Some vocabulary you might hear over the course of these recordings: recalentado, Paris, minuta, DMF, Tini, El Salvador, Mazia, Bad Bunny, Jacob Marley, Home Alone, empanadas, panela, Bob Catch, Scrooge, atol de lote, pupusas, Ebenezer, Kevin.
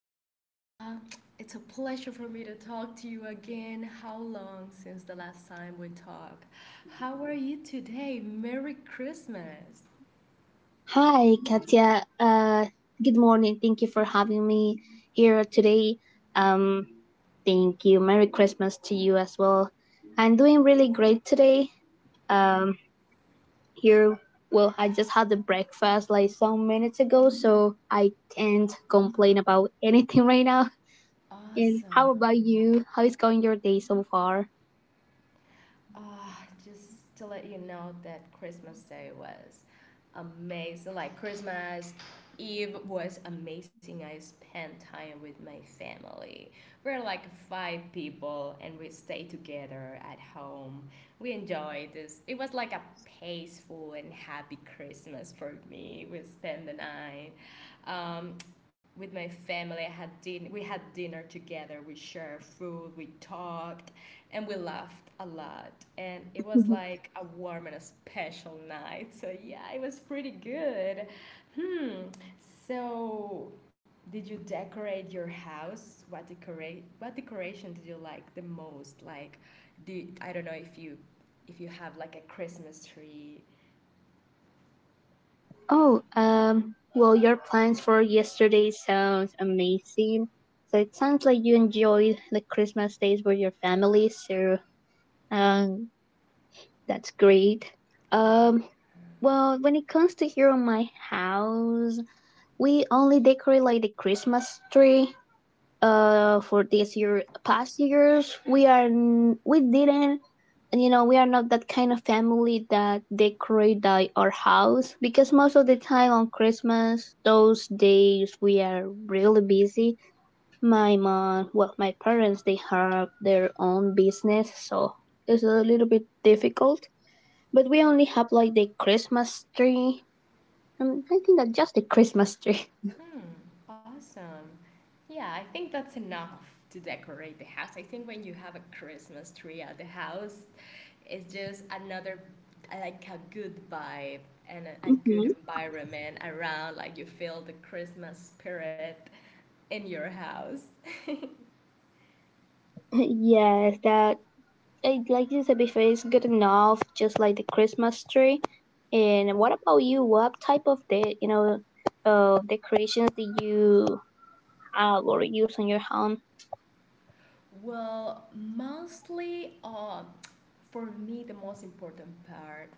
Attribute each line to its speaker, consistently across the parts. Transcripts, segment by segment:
Speaker 1: Kayla. It's a pleasure for me to talk to you again. How long since the last time we talked? How are you today? Merry Christmas.
Speaker 2: Hi, Katya. Good morning. Thank you for having me here today. Um, thank you. Merry Christmas to you as well. I'm doing really great today. Um, here, well, I just had the breakfast like some minutes ago, so I can't complain about anything right now. And
Speaker 1: Awesome.
Speaker 2: how about you? How is going your day so far?
Speaker 1: Uh, just to let you know that Christmas Day was amazing. Like, Christmas Eve was amazing. I spent time with my family. We're like five people, and we stayed together at home. We enjoyed this. It was like a peaceful and happy Christmas for me. We spent the night. Um, with my family, we had dinner together. We shared food. We talked and we laughed a lot, and it was like a warm and a special night, so yeah, it was pretty good. hmm so did you decorate your house? What decorate what decoration did you like the most? Like, do I don't know if you have like a Christmas tree.
Speaker 2: Oh, well, your plans for yesterday sounds amazing. So it sounds like you enjoyed the Christmas days with your family. So, um, that's great.
Speaker 1: Yeah.
Speaker 2: Um, when it comes to here on my house, we only decorate like the Christmas tree for this year. Past years, we didn't. And you know, we are not that kind of family that decorate our house, because most of the time on Christmas those days we are really busy. My mom, well, my parents, they have their own business, so it's a little bit difficult. But we only have like the Christmas tree. I think that just the Christmas tree.
Speaker 1: Hmm. Awesome. Yeah, I think that's enough to decorate the house. I think when you have a Christmas tree at the house, it's just another like a good vibe and a good
Speaker 2: Hmm
Speaker 1: environment around. Like, you feel the Christmas spirit in your house.
Speaker 2: Yes, that I like this before, it's good enough, just like the Christmas tree. And what about you? What type of the you know decorations do you have or use on your home?
Speaker 1: Well, mostly, for me, the most important part,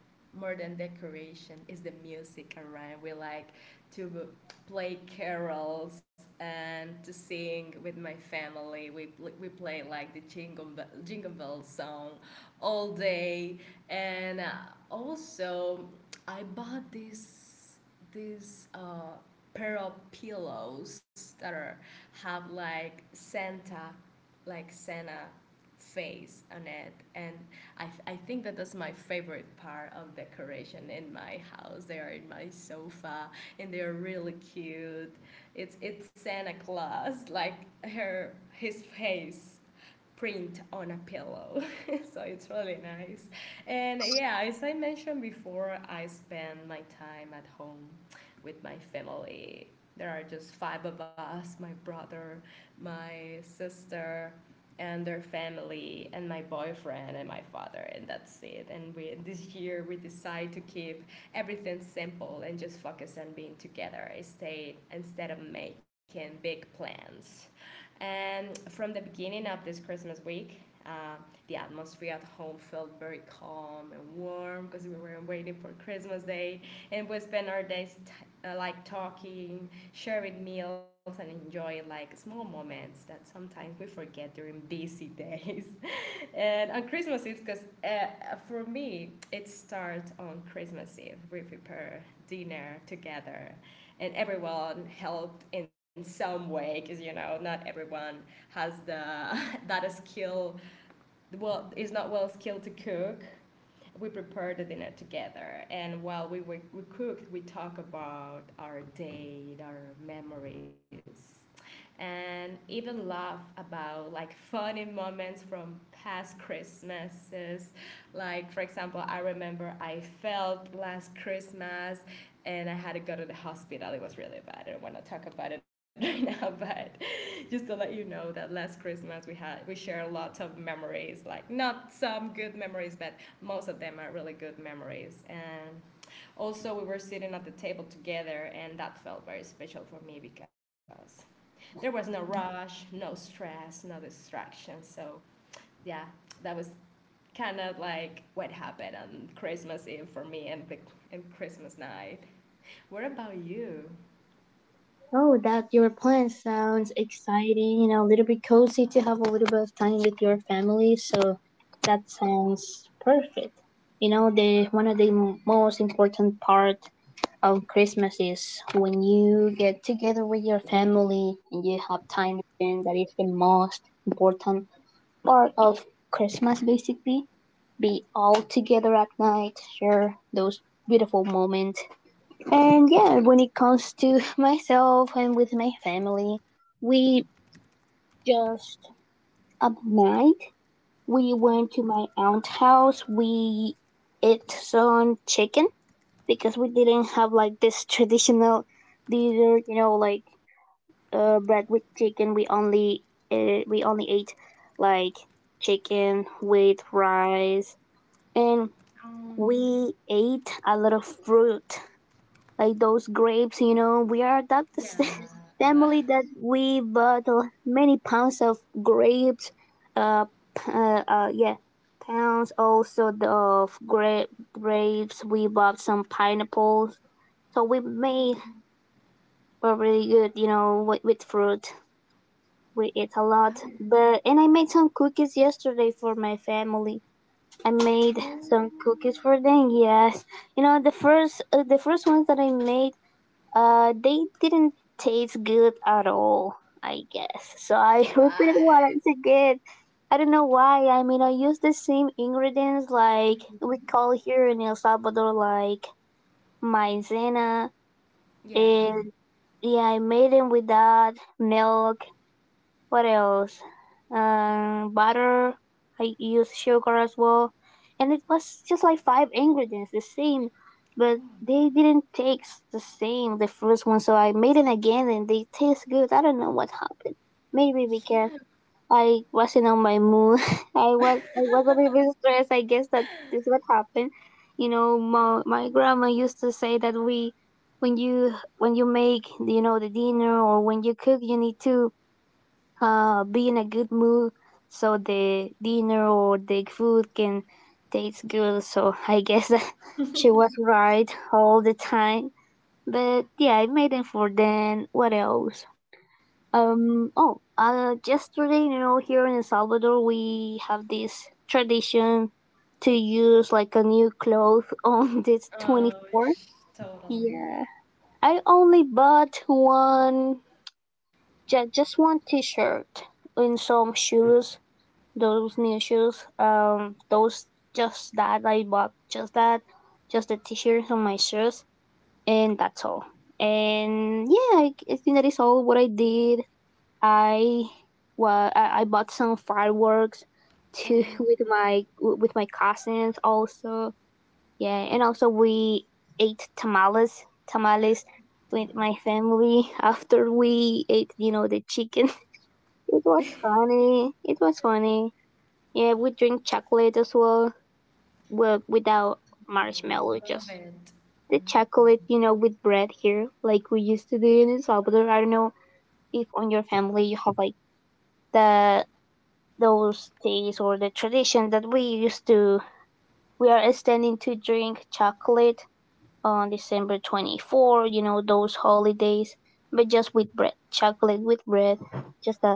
Speaker 1: more than decoration, is the music around. We like to play carols and to sing with my family. We play like the Jingle Bell, Jingle Bell song all day. And also, I bought this pair of pillows that have like Santa face on it, and I think that that's my favorite part of decoration in my house. They are in my sofa, and they are really cute. It's Santa Claus, like her his face print on a pillow. So it's really nice. And yeah, as I mentioned before, I spend my time at home with my family. There are just five of us: my brother, my sister, and their family, and my boyfriend, and my father, and that's it. And we this year we decide to keep everything simple and just on being together instead of making big plans. And from the beginning of this Christmas week, uh, the atmosphere at home felt very calm and warm because we were waiting for Christmas Day, and we spent our days like talking, sharing meals, and enjoying like small moments that sometimes we forget during busy days. And on Christmas Eve, because for me, it starts on Christmas, we prepare dinner together, and everyone helped in some way, because not everyone has the that skill. Well, is not well skilled to cook. We prepare the dinner together, and while we cooked, we talk about our date, our memories, and even laugh about like funny moments from past Christmases. Like, for example, I remember I fell last Christmas and I had to go to the hospital. It was really bad. I don't want to talk about it right now, but just to let you know that last Christmas we share lots of memories. Like, not good memories, but most of them are really good memories. And also, we were sitting at the table together, and that felt very special for me because there was no rush, no stress, no distraction. So yeah, that was kind of like what happened on Christmas Eve for me, and Christmas night. What about you?
Speaker 2: Oh, that your plan sounds exciting. You know, a little bit cozy to have a little bit of time with your family. So that sounds perfect. You know, the one of most important part of Christmas is when you get together with your family and you have time, and that is the most important part of Christmas basically. Be all together at night, share those beautiful moments. And yeah, when it comes to myself and with my family, we just at night we went to my aunt's house. We ate some chicken because we didn't have like this traditional dinner, you know, like bread with chicken. We only ate like chicken with rice, and
Speaker 1: Um,
Speaker 2: we ate a lot of fruit, like those grapes. You know, we are that family that
Speaker 1: yeah.
Speaker 2: we bought many pounds of grapes. Uh, yeah, pounds, of grapes. We bought some pineapples, so we made
Speaker 1: Mm,
Speaker 2: a really good, you know, with fruit. We ate a lot,
Speaker 1: I
Speaker 2: but and I made some cookies yesterday for my family. I made some
Speaker 1: oh,
Speaker 2: cookies for them. Yes, you know the first ones that I made, they didn't taste good at all. I guess so. I repeated
Speaker 1: what?
Speaker 2: once again. I don't know why. I mean, I used the same ingredients like we call here in El Salvador, like maizena. And
Speaker 1: Yeah.
Speaker 2: yeah, I made them with that milk. What else? Butter. I used sugar as well, and it was just like five ingredients, the same, but
Speaker 1: Oh,
Speaker 2: they didn't taste the same the first one. So I made it again, and they taste good. I don't know what happened. Maybe
Speaker 1: yeah.
Speaker 2: because I wasn't on my mood. I was a little bit stressed. I guess that is what happened. You know, my grandma used to say that we when you when you make, you know, the dinner, or when you cook, you need to be in a good mood so the dinner or the food can taste good. So I guess that she was right all the time. But yeah, I made it for then. What else? Oh. Yesterday, you know, here in El Salvador, we have this tradition to use like a new cloth on this twenty
Speaker 1: Oh,
Speaker 2: fourth.
Speaker 1: totally.
Speaker 2: Yeah, I only bought one. Just one T-shirt and some shoes. Those new shoes. Those just that I bought. Just that. Just the T-shirts and my shoes, and that's all. And yeah, I think that is all what I did. I I bought some fireworks too
Speaker 1: Oh,
Speaker 2: with my cousins also. Yeah, and also we ate tamales with
Speaker 1: come on.
Speaker 2: my family after we ate, you know, the chicken. It was funny. It was funny. Yeah, we drink chocolate as well, well without marshmallow,
Speaker 1: Love
Speaker 2: just
Speaker 1: it.
Speaker 2: the chocolate, you know, with bread here, like we used to do in El Salvador. I don't know if on your family you have like the those days or the tradition that we are extending to drink chocolate on December 24, you know, those holidays, but just with bread, chocolate with bread, just that.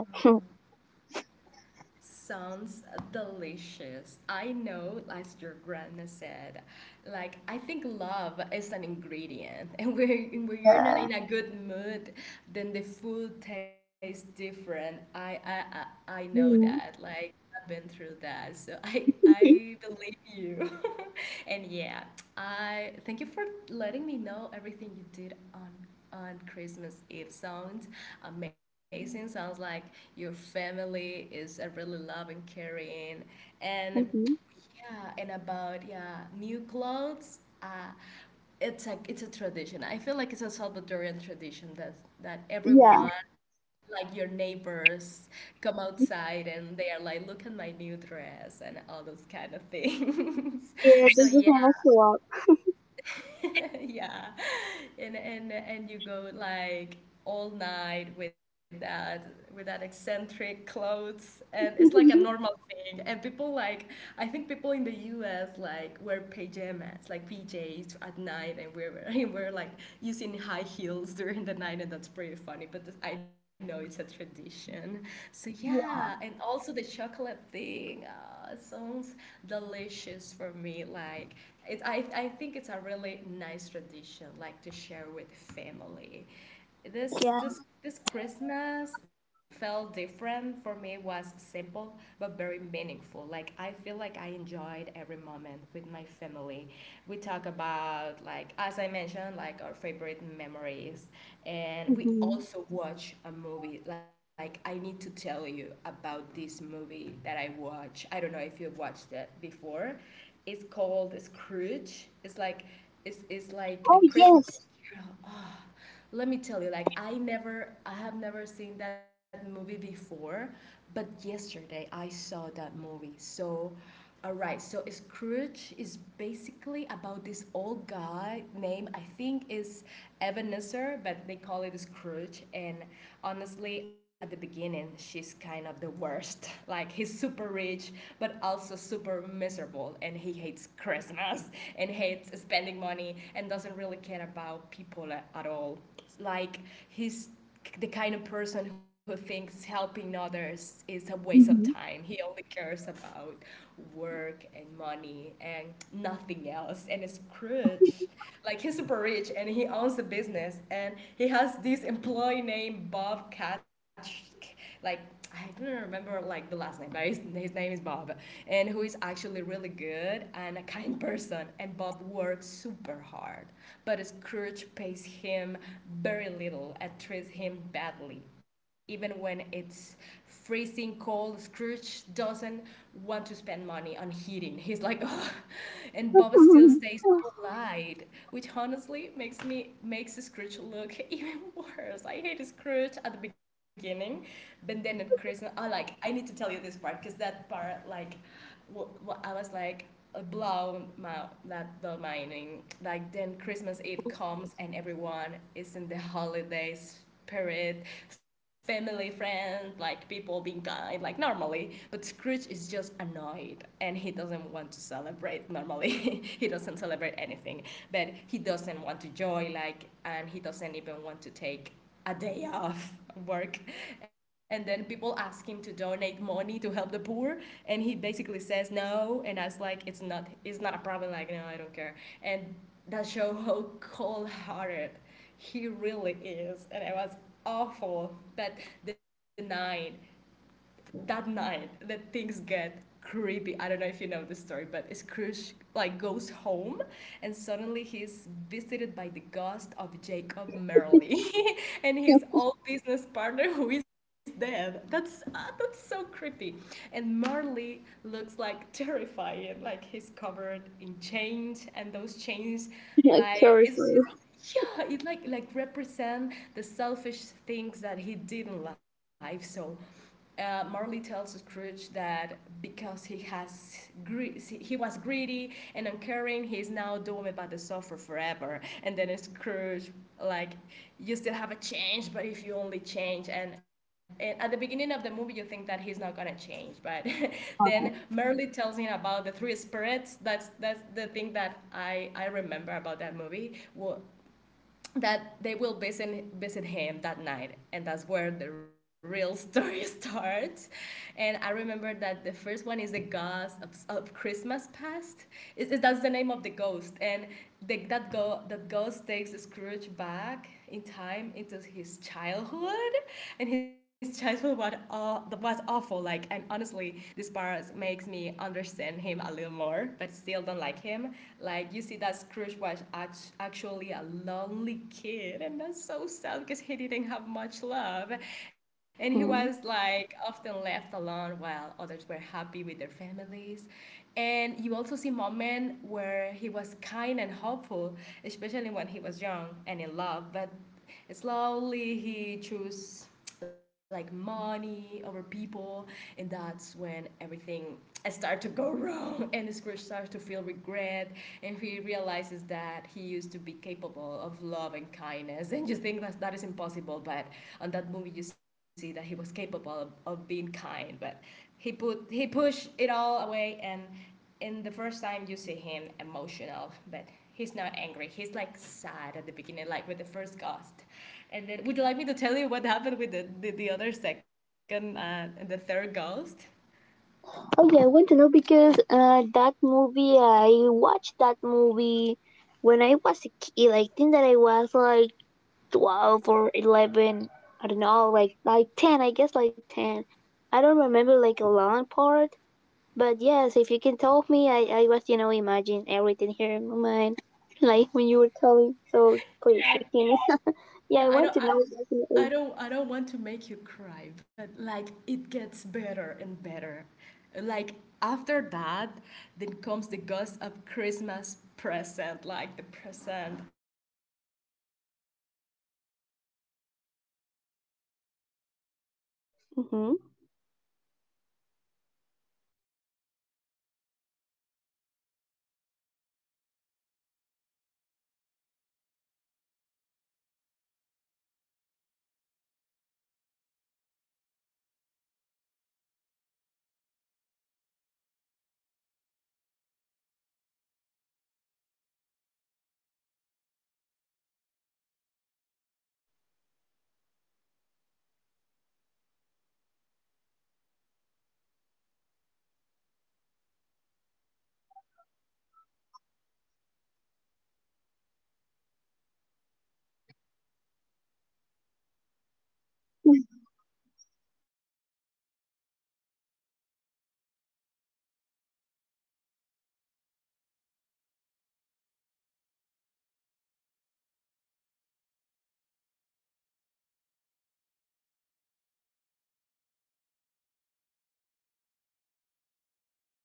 Speaker 1: Sounds delicious. I know, as your grandma said, like, I think love is an ingredient, and where you're not in a good mood, then the food tastes different. I know that.
Speaker 2: Mm.
Speaker 1: Like, I've been through that, so I believe you. And yeah, I thank you for letting me know everything you did on Christmas Eve. Sounds amazing. Sounds like your family is a really loving, caring, and
Speaker 2: hmm
Speaker 1: yeah, and about, yeah, new clothes. It's a tradition. I feel like it's a Salvadorian tradition that
Speaker 2: Yeah,
Speaker 1: everyone, like your neighbors, come outside, and they are like, look at my new dress and all those kind of things. So
Speaker 2: yeah,
Speaker 1: yeah.
Speaker 2: this is kind of swap.
Speaker 1: Yeah, and you go like all night with that eccentric clothes, and it's like a normal thing, and people like, I think people in the US like wear pajamas, like PJs, at night, and we're wearing we're like using high heels during the night, and that's pretty funny. But I know it's a tradition, so yeah. And
Speaker 2: Yeah,
Speaker 1: also, the chocolate thing, sounds delicious for me. Like I think it's a really nice tradition, like to share with family. this
Speaker 2: yeah.
Speaker 1: this this Christmas felt different for me. It was simple but very meaningful. Like, I feel like I enjoyed every moment with my family. We talk about, like, as I mentioned, like our favorite memories, and we
Speaker 2: hmm
Speaker 1: also watch a movie. Like, I need to tell you about this movie that I watch. I don't know if you've watched it before. Is called Scrooge. It's like a
Speaker 2: Oh,
Speaker 1: Christmas
Speaker 2: yes.
Speaker 1: carol. Oh, let me tell you, like, I have never seen that movie before, but yesterday I saw that movie. So, alright, so Scrooge is basically about this old guy named, I think, is Ebenezer, but they call it Scrooge. And honestly, at the beginning she's kind of the worst. Like, he's super rich, but also super miserable, and he hates Christmas and hates spending money and doesn't really care about people at all. Like, he's the kind of person who thinks helping others is a waste of
Speaker 2: hmm
Speaker 1: time. He only cares about work and money and nothing else. And Scrooge, like, he's super rich, and he owns a business, and he has this employee named Bob Catch, like, I don't remember like the last name, but his name is Bob, and who is actually really good and a kind person. And Bob works super hard, but his courage pays him very little and treats him badly. Even when it's freezing cold, Scrooge doesn't want to spend money on heating. He's like, oh. And Bob still stays polite, which honestly makes Scrooge look even worse. I hate Scrooge at the beginning, but then at Christmas, I need to tell you this part because that part, like, I was like, blown my that the mining. Like, then Christmas Eve comes, and everyone is in the holiday spirit, family, friends, like people being kind, like, normally. But Scrooge is just annoyed, and he doesn't want to celebrate normally. He doesn't celebrate anything, but he doesn't want to join, like, and he doesn't even want to take a day off work. And then people ask him to donate money to help the poor, and he basically says no. And I was like, it's not a problem. Like, no, I don't care. And that show how cold-hearted he really is. And it was awful. But the night that night that things get creepy. I don't know if you know the story, but Scrooge, like, goes home, and suddenly he's visited by the ghost of Jacob Marley, and his old business partner, who is dead. That's so creepy. And Marley looks like terrifying. Like, he's covered in chains, and those chains, like,
Speaker 2: Terrifying.
Speaker 1: is yeah, it like represent the selfish things that he did in life. So, Marley tells Scrooge that because he was greedy and uncaring, he is now doomed by the suffer forever. And then Scrooge, like, you still have a change, but if you only change and at the beginning of the movie you think that he's not gonna change, but then Merle tells him about the three spirits. That's the thing that I remember about that movie. Well, that they will visit him that night, and that's where the real story starts. And I remember that the first one is the ghost of Christmas past, is, it, that's the name of the ghost. And that girl that ghost takes Scrooge back in time into his childhood, and his childhood was awful. Like, and honestly, this part makes me understand him a little more, but still don't like him. Like, you see that Scrooge was actually a lonely kid, and that's so sad because he didn't have much love, and he
Speaker 2: Hmm.
Speaker 1: was like often left alone while others were happy with their families, and you also see moments where he was kind and helpful, especially when he was young and in love. But slowly he chose like money over people, and that's when everything I start to go wrong. And Scrooge starts to feel regret, and he realizes that he used to be capable of love and kindness. And you think that that is impossible, but on that movie you see that he was capable of being kind, but he pushed it all away. And in the first time you see him emotional, but he's not angry. He's like sad at the beginning, like with the first ghost. And then would you like me to tell you what happened with the other second and the third ghost?
Speaker 2: Oh yeah, I want to know because that movie I watched that movie when I was a kid. I think that I was like 12 or 11. I don't know, like 10. I guess like 10. I don't remember like a long part, but yes, if you can tell me, I was, you know, imagine everything here in my mind, like when you were telling. So please,
Speaker 1: Yeah,
Speaker 2: continue. Yeah, I
Speaker 1: yeah, I
Speaker 2: want
Speaker 1: don't
Speaker 2: to know
Speaker 1: I I
Speaker 2: definitely.
Speaker 1: don't I don't want to make you cry, but like it gets better and better. Like after that, then comes the ghost of Christmas present, like the present, like this moment and this, and at this point the spirit shows us Chris what's happening right now on
Speaker 2: Mm-hmm.
Speaker 1: Christmas Day. And they visit different people, like including Bob Scratch's family. And this part it's hard because Bob's family is poor. Like, you remember the employee, and it's poor, and they are full of love. It's like so beautiful. They are happy just to be together. Like, Bob's son is very sick, but he's sweet and hopeful and kind. And Scrooge sees how Bob cares about his family, even though Scrooge treats him badly. And for the first time Scrooge is actually feels guilty. And you like you kind of think like he has a heart. But he's like it, like it starts to get better and he realizes his actions affect real people, and he starts to care about his son and worries about his future. And this ghost, like the second ghost, shows him that happiness doesn't come from money. It comes from love, generosity, and that human connection that he doesn't have.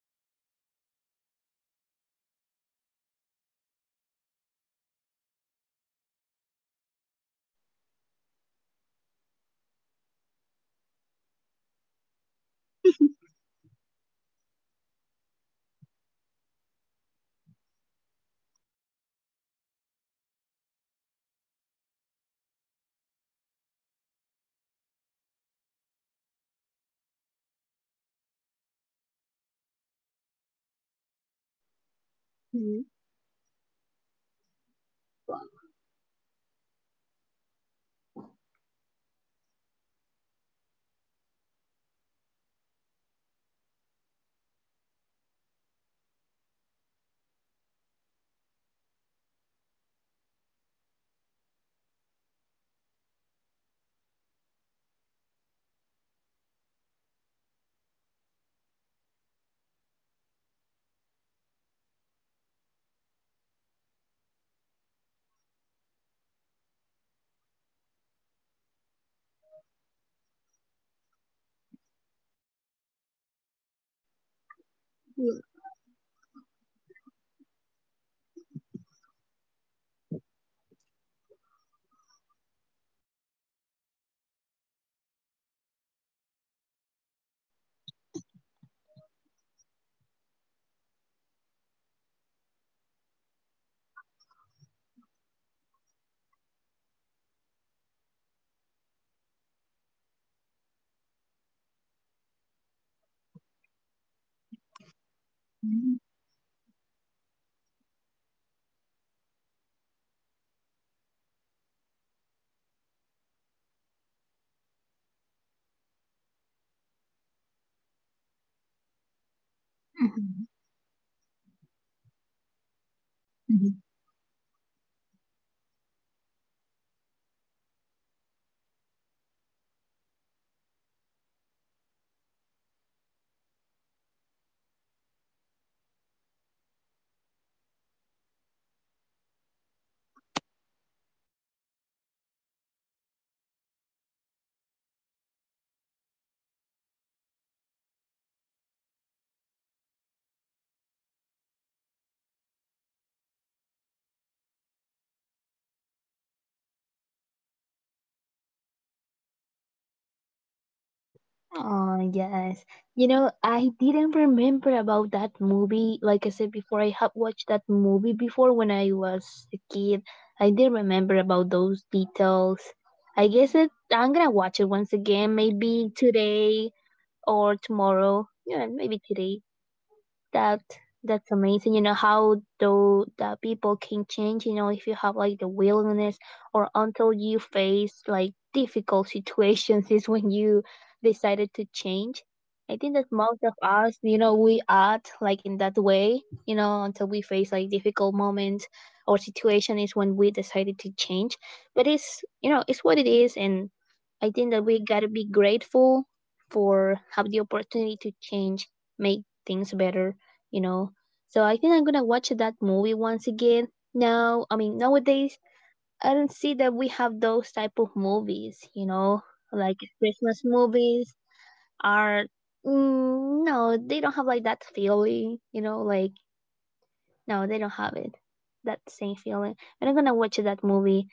Speaker 1: And like, here it comes, like the scariest part of the movie, the ghost of Christmas yet to come. That's the name. I remember that because I was like I was repeating that part over and over again. And this ghost doesn't talk, like it just shows Scrooge dark versions of the future. This one is the scariest one. He says that when certain man dies, nobody cares, and people actually joke about his death. His belongings are stolen. Do you remember that he was rich? His belongings
Speaker 2: Mhm.
Speaker 1: are stolen, and no one mourns him. Like, it's like enlightened Scrooge realized something terrifying, that that man that he is looking at, that man is him. And he also sees uh, Tini, like I think that's the name of the employees, the employee that he has. And, and it's heartbreaking because Tim dies, and if nothing changes, that's when Scrooge completely breaks down. And I like that part because he begs for another chance. Like, do you remind that angry man that doesn't like Christmas? He was begging for another chance. And he promised that he will change and that he will be kind and generous and helpful if there's a possibility that he can live differently. And then he wakes up and that was like the plot twist. He wakes up and it's Christmas morning and Scrooge is alive. He's so happy, and it's like almost funny because he laughs, he smiles, and acts like he's a completely new person. And here comes the best part for me. He buys gifts and start to donate money, treats Bob kindly. He helps Bob's family and especially his son that was sick. And he finally understands that christmas what Christmas really means. It's not just like a holidays, but it's about kindness, forgiveness, and caring about others. With kids, he doesn't have a family, so he never care about it. And by the end of the movie Scrooge becomes like known as one of the kindest people around. Like, wow, like plot twist. And he doesn't just change for one day. He changed for life. And I feel like for me when I was watching it the message of the movie is like it's never too late to change, no matter how bad you've been before. So that's Scrooge. And it's not just a Christmas movie, it's really about second chances. And that hit hard on my heart. And I was crying on Christmas Eve, but that was the best part of the day. Can you believe that?
Speaker 2: Oh, yes. You know, I didn't remember about that movie. Like I said before, I have watched that movie before when I was a kid. I did remember about those details. I'm gonna watch it once again, maybe
Speaker 1: Oh,
Speaker 2: today or tomorrow. Yeah, maybe today. that that's amazing, you know, how though the people can change, you know. If you have like the willingness or until you face like difficult situations is when you decided to change. I
Speaker 1: yeah.
Speaker 2: think that most of us, you know, we act like in that way, you know, until we face like difficult moments or situation is when we decided to change. But it's, you know, it's what it is, and
Speaker 1: uh,
Speaker 2: I think that we gotta be grateful for have the opportunity to change, make things better you know. So I think I'm gonna watch that movie once again. Now, I mean, nowadays I don't see that we have those type of movies, you know,
Speaker 1: Yeah,
Speaker 2: like
Speaker 1: I
Speaker 2: Christmas
Speaker 1: agree.
Speaker 2: movies are. Mm, no, they don't have like that feeling, you know, like no, they don't have it. That same feeling. And I'm gonna watch that movie.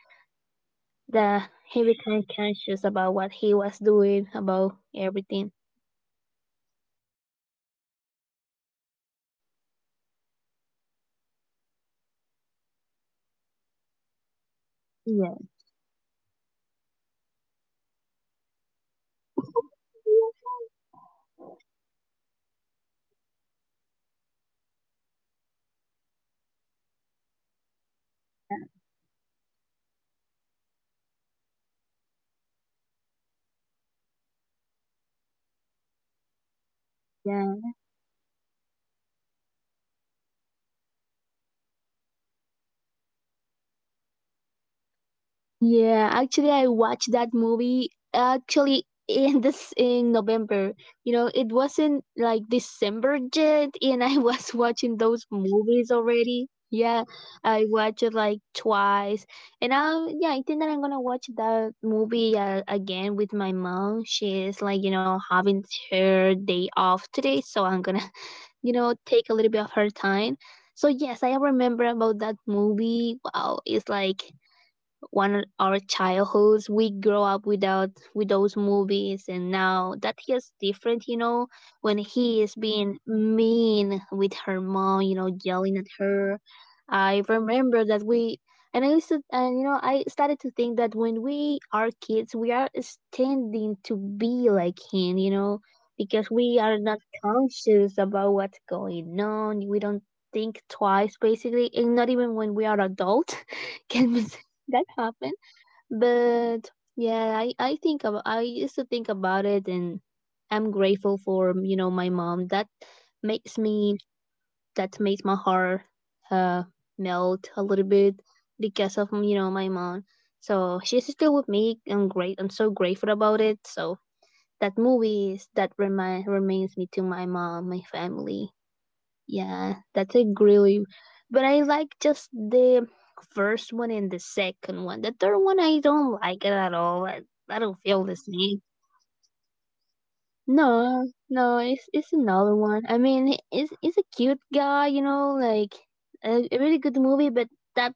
Speaker 2: That
Speaker 1: Yeah.
Speaker 2: he became conscious about what he was doing, about everything.
Speaker 1: Yeah, because I think we all saw that movie when we were kids, and now that we are grown ups and we watch that movie again, and it hits really hard. Like, I
Speaker 2: Yeah.
Speaker 1: remember when I was a kid, I thought it was like a scary movie because I was so scared about those ghosts. But now I'm like, I'm so grateful for those ghosts because they changed his heart, and now, like, he became a good person, and I was impossible. That was only like like a Christmas miracle. And it's pretty funny.
Speaker 2: Yeah.
Speaker 1: Well, let me see. Talking about movies, do you remember Home Alone? That movie?
Speaker 2: Yeah, actually, I watched that movie actually in November. You know, it wasn't like December yet, and I was watching those movies already. Yeah, I watched it like twice, and yeah, I think that I'm gonna watch that movie again with my mom. She's like, you know, having her day off today, so I'm gonna
Speaker 1: Oh.
Speaker 2: take a little bit of her time. So yes, I remember about that movie. Wow, it's like one our childhoods. We grow up without with those movies, and now that hits different. You know, when
Speaker 1: Yeah.
Speaker 2: he is being mean with her mom, you know,
Speaker 1: Oh,
Speaker 2: yelling at her. I
Speaker 1: yeah.
Speaker 2: remember that we. And I used to, and you know, I started to think that when we are kids, we are standing to be like him, you know, because we
Speaker 1: Yeah.
Speaker 2: are not conscious about what's going on. We don't think twice, basically, and not even when we are adult can be that happened. But yeah, I used to think about it. And I'm grateful for, you know, my mom, that makes
Speaker 1: Oh,
Speaker 2: my heart uh melt a little
Speaker 1: man.
Speaker 2: bit because of, you know, my mom, so she's still with me. I'm so grateful about it. So that movies that reminds me to my mom, my
Speaker 1: Oh.
Speaker 2: family. Yeah, that's a
Speaker 1: That's
Speaker 2: really.
Speaker 1: so
Speaker 2: But
Speaker 1: sweet.
Speaker 2: I like just the first one and the second one. The third one, I don't like it at all. I
Speaker 1: Yeah,
Speaker 2: don't
Speaker 1: it's, what-
Speaker 2: feel the
Speaker 1: it-
Speaker 2: same.
Speaker 1: it's not the same vibe, right?
Speaker 2: No, no, it's another one. I mean, it's a cute guy, you know, like a really good movie, but that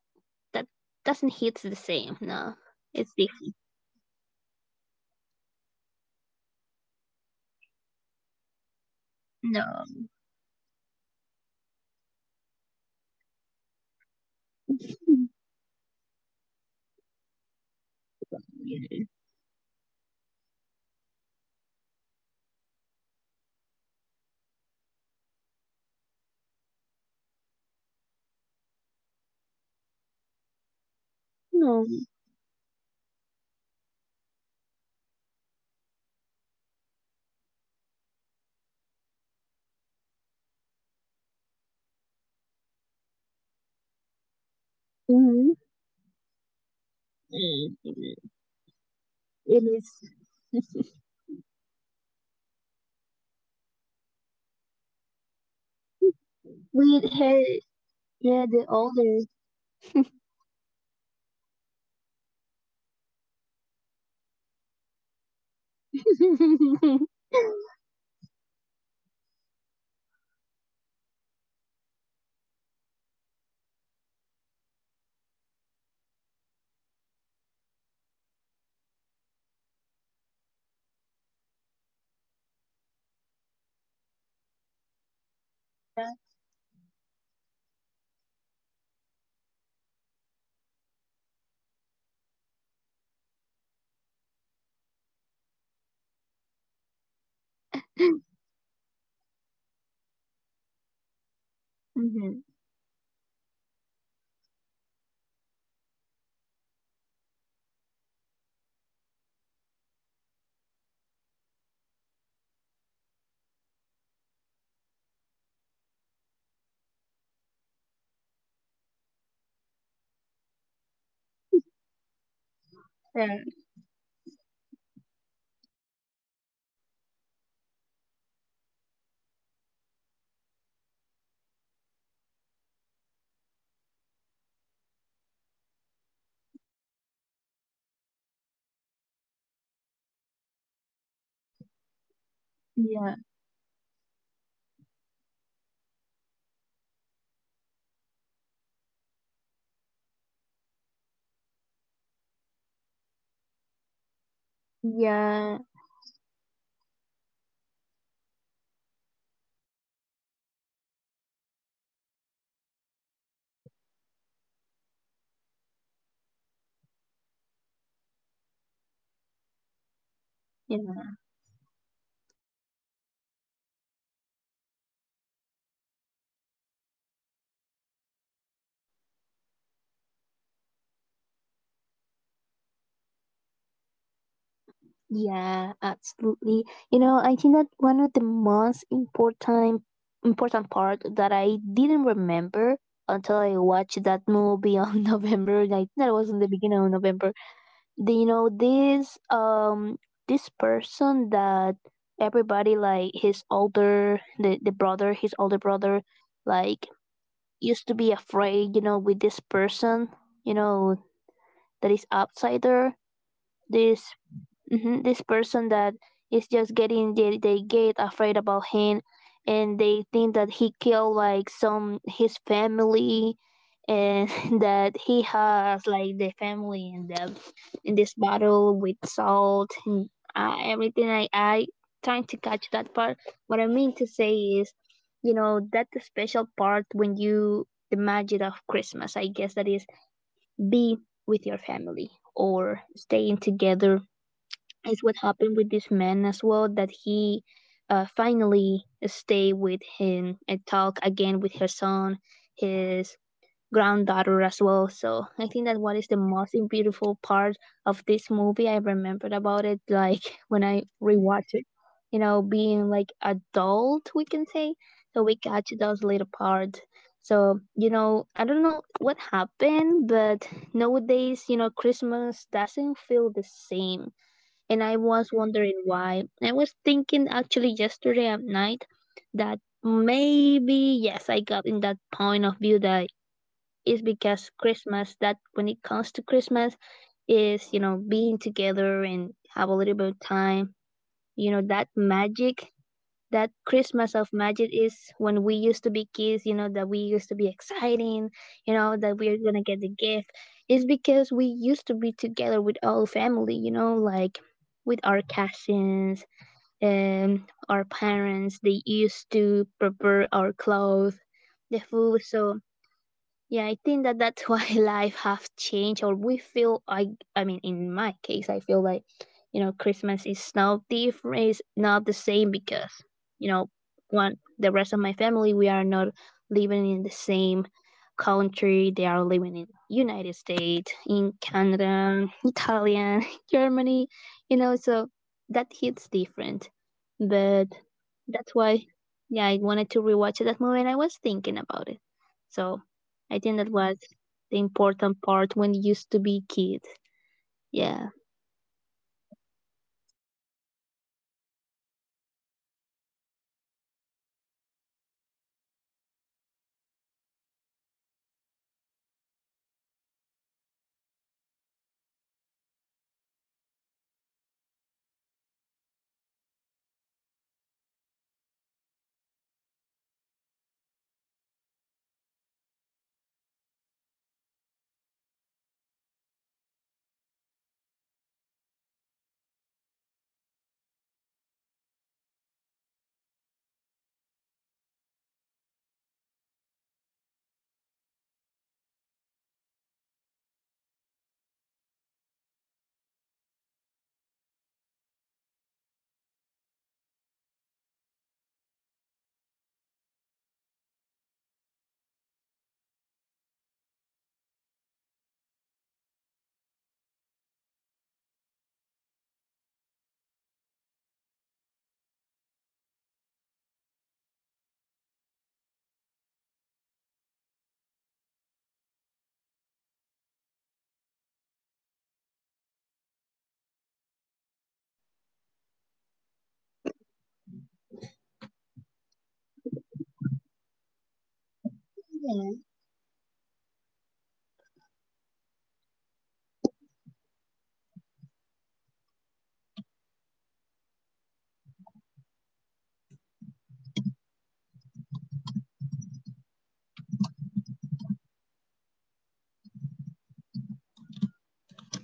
Speaker 2: that doesn't hit the same. No,
Speaker 1: Yeah,
Speaker 2: it's
Speaker 1: because the,
Speaker 2: different.
Speaker 1: the, the, the first one is one of those Christmas movies that never gets old. Like,
Speaker 2: No,
Speaker 1: Kevin is like 8 years old, like, he's so little. Um, he lives in a big house with his parents and lots of siblings and cousins. He's like almost like invisible. And his family is huge, loud, and chaotic, and nobody listens to him. It's very funny because he constantly feels ignored, and
Speaker 2: no,
Speaker 1: he's very frustrated because everyone treats him like he's annoying and useless. And the night before Christmas, the whole family like is like up prepared like to go a big trip to Paris. Do you remember that? And everyone is like so
Speaker 2: mm-hmm,
Speaker 1: stressed, like running around and packing and arguing. And
Speaker 2: it
Speaker 1: Kevin,
Speaker 2: is
Speaker 1: yeah, gets in trouble. And after a fight with his older brother, he's always fighting with his brothers. And his mom
Speaker 2: with
Speaker 1: sends him
Speaker 2: her.
Speaker 1: to sleep in the
Speaker 2: Yeah, the
Speaker 1: attic,
Speaker 2: older.
Speaker 1: yeah. And his mom sent his sent sent him to the attic as a punishment. That was so funny. And he's angry. And he wishes his family disappears, but he doesn't really mean it, but he's upset. But actually, the family disappears because there's remember the huge storm, and the power goes out, and the family oversleeps. Then the chaos in the morning, they are rushing to the airport and they leave Kevin behind. That's the funniest thing. And nobody notices because they are there are so many kids and so much confusion, and he is completely home alone after that and he thinks that his wish came true. That's the funniest part because he was wishing like I hope I
Speaker 2: Mm-hmm.
Speaker 1: was home alone. And then he becomes and then he comes to realize that he's alone at his house. And he believes his family disappeared because of him. And honestly, he's like thrilled, but he jumps in bed. He eats junk food. He start. I think he was like watching movies that he was not allowed to watch, and he does whatever
Speaker 2: Yeah,
Speaker 1: he wants. And that's partially funny because you see how excited he is about having total freedom because he never feels free in that house, and that's so funny. And then yeah, like like I'm trying to remember the best parts like of of the of the movie. In the
Speaker 2: yeah,
Speaker 1: final part Kevin successfully like stopped the burglars and with straps and called the police, and Harry and Marv are arrested. You remember the people that
Speaker 2: yeah,
Speaker 1: tried to stay in like to get into his house and rob to him. And Kevin finally is safe, and yeah, it's so funny because Home Alone is, for me, it's just not a comedy. It's a story about growing up and
Speaker 2: yeah,
Speaker 1: independence and forgiveness. Also because he was so angry at the beginning, and yeah, it's so important to watch that movie, especially on Christmas Day, just to remember how the importance of family.
Speaker 2: yeah, absolutely. You know, I think that one of the most important part that I didn't remember until I watched that movie on November. I think that was in the beginning of November. This this person that everybody like his older, the brother, his older brother, like
Speaker 1: Hmm.
Speaker 2: used to be afraid, you know, with this person, you know, that is outsider
Speaker 1: Yeah,
Speaker 2: this mhm, this person that is just getting, they get afraid about him. And they think that he killed like some his family, and that he has like the family in the in this battle with salt and everything. I trying to catch that part. What I mean to say is, you know, that the special part when you, the magic of Christmas, I guess that is be with your family or staying together, is
Speaker 1: yeah,
Speaker 2: what happened with this man as well, that he finally stay with him and talk again with her son, his granddaughter as well. So I think that what is the most beautiful part of this movie I remembered about it, like when I rewatched it, you know, being like adult, we can say. So
Speaker 1: yeah,
Speaker 2: we got to those little parts. So, you know, I don't know what happened, but nowadays, you know, Christmas doesn't feel the same. And
Speaker 1: yeah,
Speaker 2: I was wondering why. I was thinking actually yesterday at night that maybe, yes, I got in that point of view that is because Christmas, that when it comes to Christmas is, you know, being together and have a little bit of time, you know,
Speaker 1: yeah.
Speaker 2: that magic, that Christmas of magic is when we used to be kids, you know, that we used to be exciting, you know, that we're gonna get the gift, is because we used to be together with all family, you know, like with our cousins, our parents. They used to prepare our clothes, the
Speaker 1: Oh,
Speaker 2: food. So yeah, I think that that's why life have changed, or we feel, I mean, in my case, I feel like, you know, Christmas is not different, is not the same,
Speaker 1: mm,
Speaker 2: because, you know, one, the rest of my family, we are not living in the same country. They are living in United States, in Canada, Italian, Germany, you know, so that hits different. But that's why, yeah, I wanted to rewatch that movie, and I was thinking about it. So I think that
Speaker 1: yeah.
Speaker 2: was the important part when you used to be kids.
Speaker 1: Yeah,
Speaker 2: Yeah.
Speaker 1: I completely agree with that thought because Christmas doesn't feel the same anymore. I think, like as you mentioned, I think a big reason is simply that we grew up and we were kids. Christmas felt like magical, as you said, without us even trying. Like everything was done for us. The decoration was appeared like the decoration just appeared, and the food was prepared, the gifts show up under the tree, and we all had to do was believe and enjoy. And we didn't think about money, time, stress, responsibilities. Christmas just happened to us, and it felt like bright and exciting and full of wonder. But now that we are adults, Christmas feels different, like because we see everything behind the scenes. We are the ones buying the gifts, like planning the dinners, worrying about budgets, and trying like to make everyone happy on that day, especially the kids. And instead of like feeling that excitement, there is often like pressure, like we also have to work on Christmas Day, and we don't wait for Christmas anymore, like we manage it. And that alone changed how it feels for me. Like the magic didn't disappear. It's just turned into work and work and work doesn't always feel joyful. You understand? And I think another reason
Speaker 2: Yeah,
Speaker 1: Christmas feels more sad is because as adults we carry more like emotional weight, like people that died on that year, and then we feel sad. And when we were younger, Christmas was about presents and it was fun, but not anymore.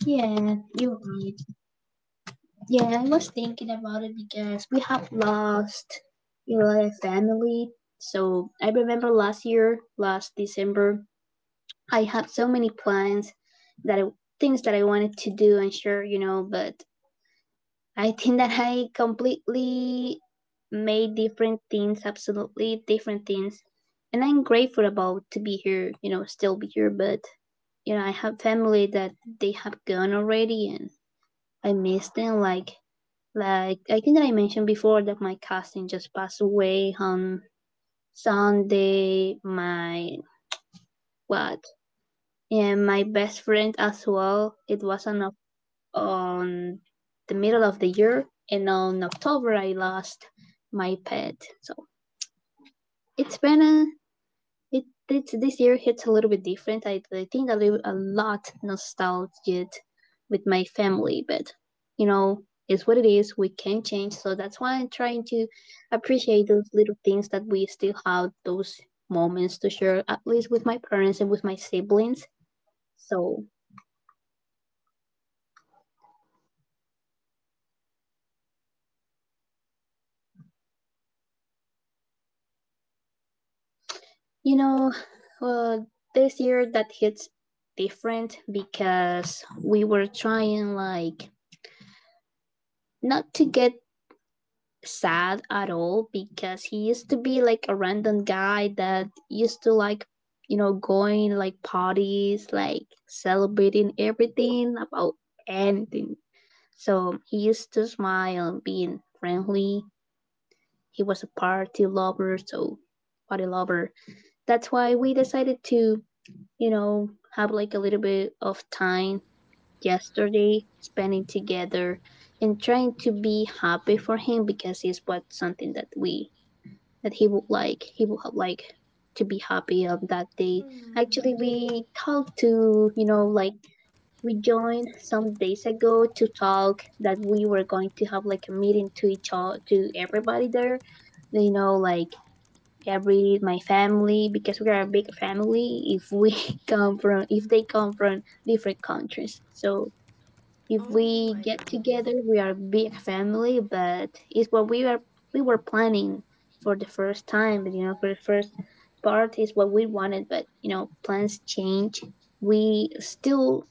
Speaker 2: yeah, you're right. Yeah, I was thinking about it because we have lost, you know, a family. So I remember last year, last December, I had so many plans that I, things that I wanted to do, and sure, you know, but I think that I completely made different things, absolutely different things. And I'm grateful about to be here, you know, still be here, but you know, I have family that they have gone already, and I miss them. Like, I think that I mentioned before that my cousin just passed away on
Speaker 1: Oh,
Speaker 2: Sunday. My what? And my best friend as well. It was
Speaker 1: oh.
Speaker 2: on the middle of the year, and on October I lost my pet. So it's been a It this year hits a little bit different. I think I live a lot nostalgic with my family, but you know, it's what it is. We can not change, so that's why I'm trying to appreciate those little things that we still have those moments to share, at least with my parents and with my siblings. So,
Speaker 1: Yeah, and how were your cousins like? How are they feeling? Like, how about your family?
Speaker 2: you know, uh, this year that hits different because we were trying, like, not to get sad at all because he used to be like a random guy that used to, like, you know, going like parties, like celebrating everything about anything. So he used to smile and being friendly. He was a party lover. So party lover, that's why we decided to, you know, have like a little bit of time yesterday spending together and trying to be happy for him because it's what something that he would like, he would have like to be happy on that day. Actually,
Speaker 1: Hmm.
Speaker 2: we talked to, you know, like we joined some days ago to talk that we were going to have like a meeting to each other, to everybody there. You know, like every my family, because we are a big family. If we come from, if they come from different countries. So if
Speaker 1: Oh
Speaker 2: we
Speaker 1: my
Speaker 2: get
Speaker 1: god.
Speaker 2: together, we are a big family. But it's what we are. We were planning for the first time, you know, for the first part is what we wanted. But, you know, plans change. We still,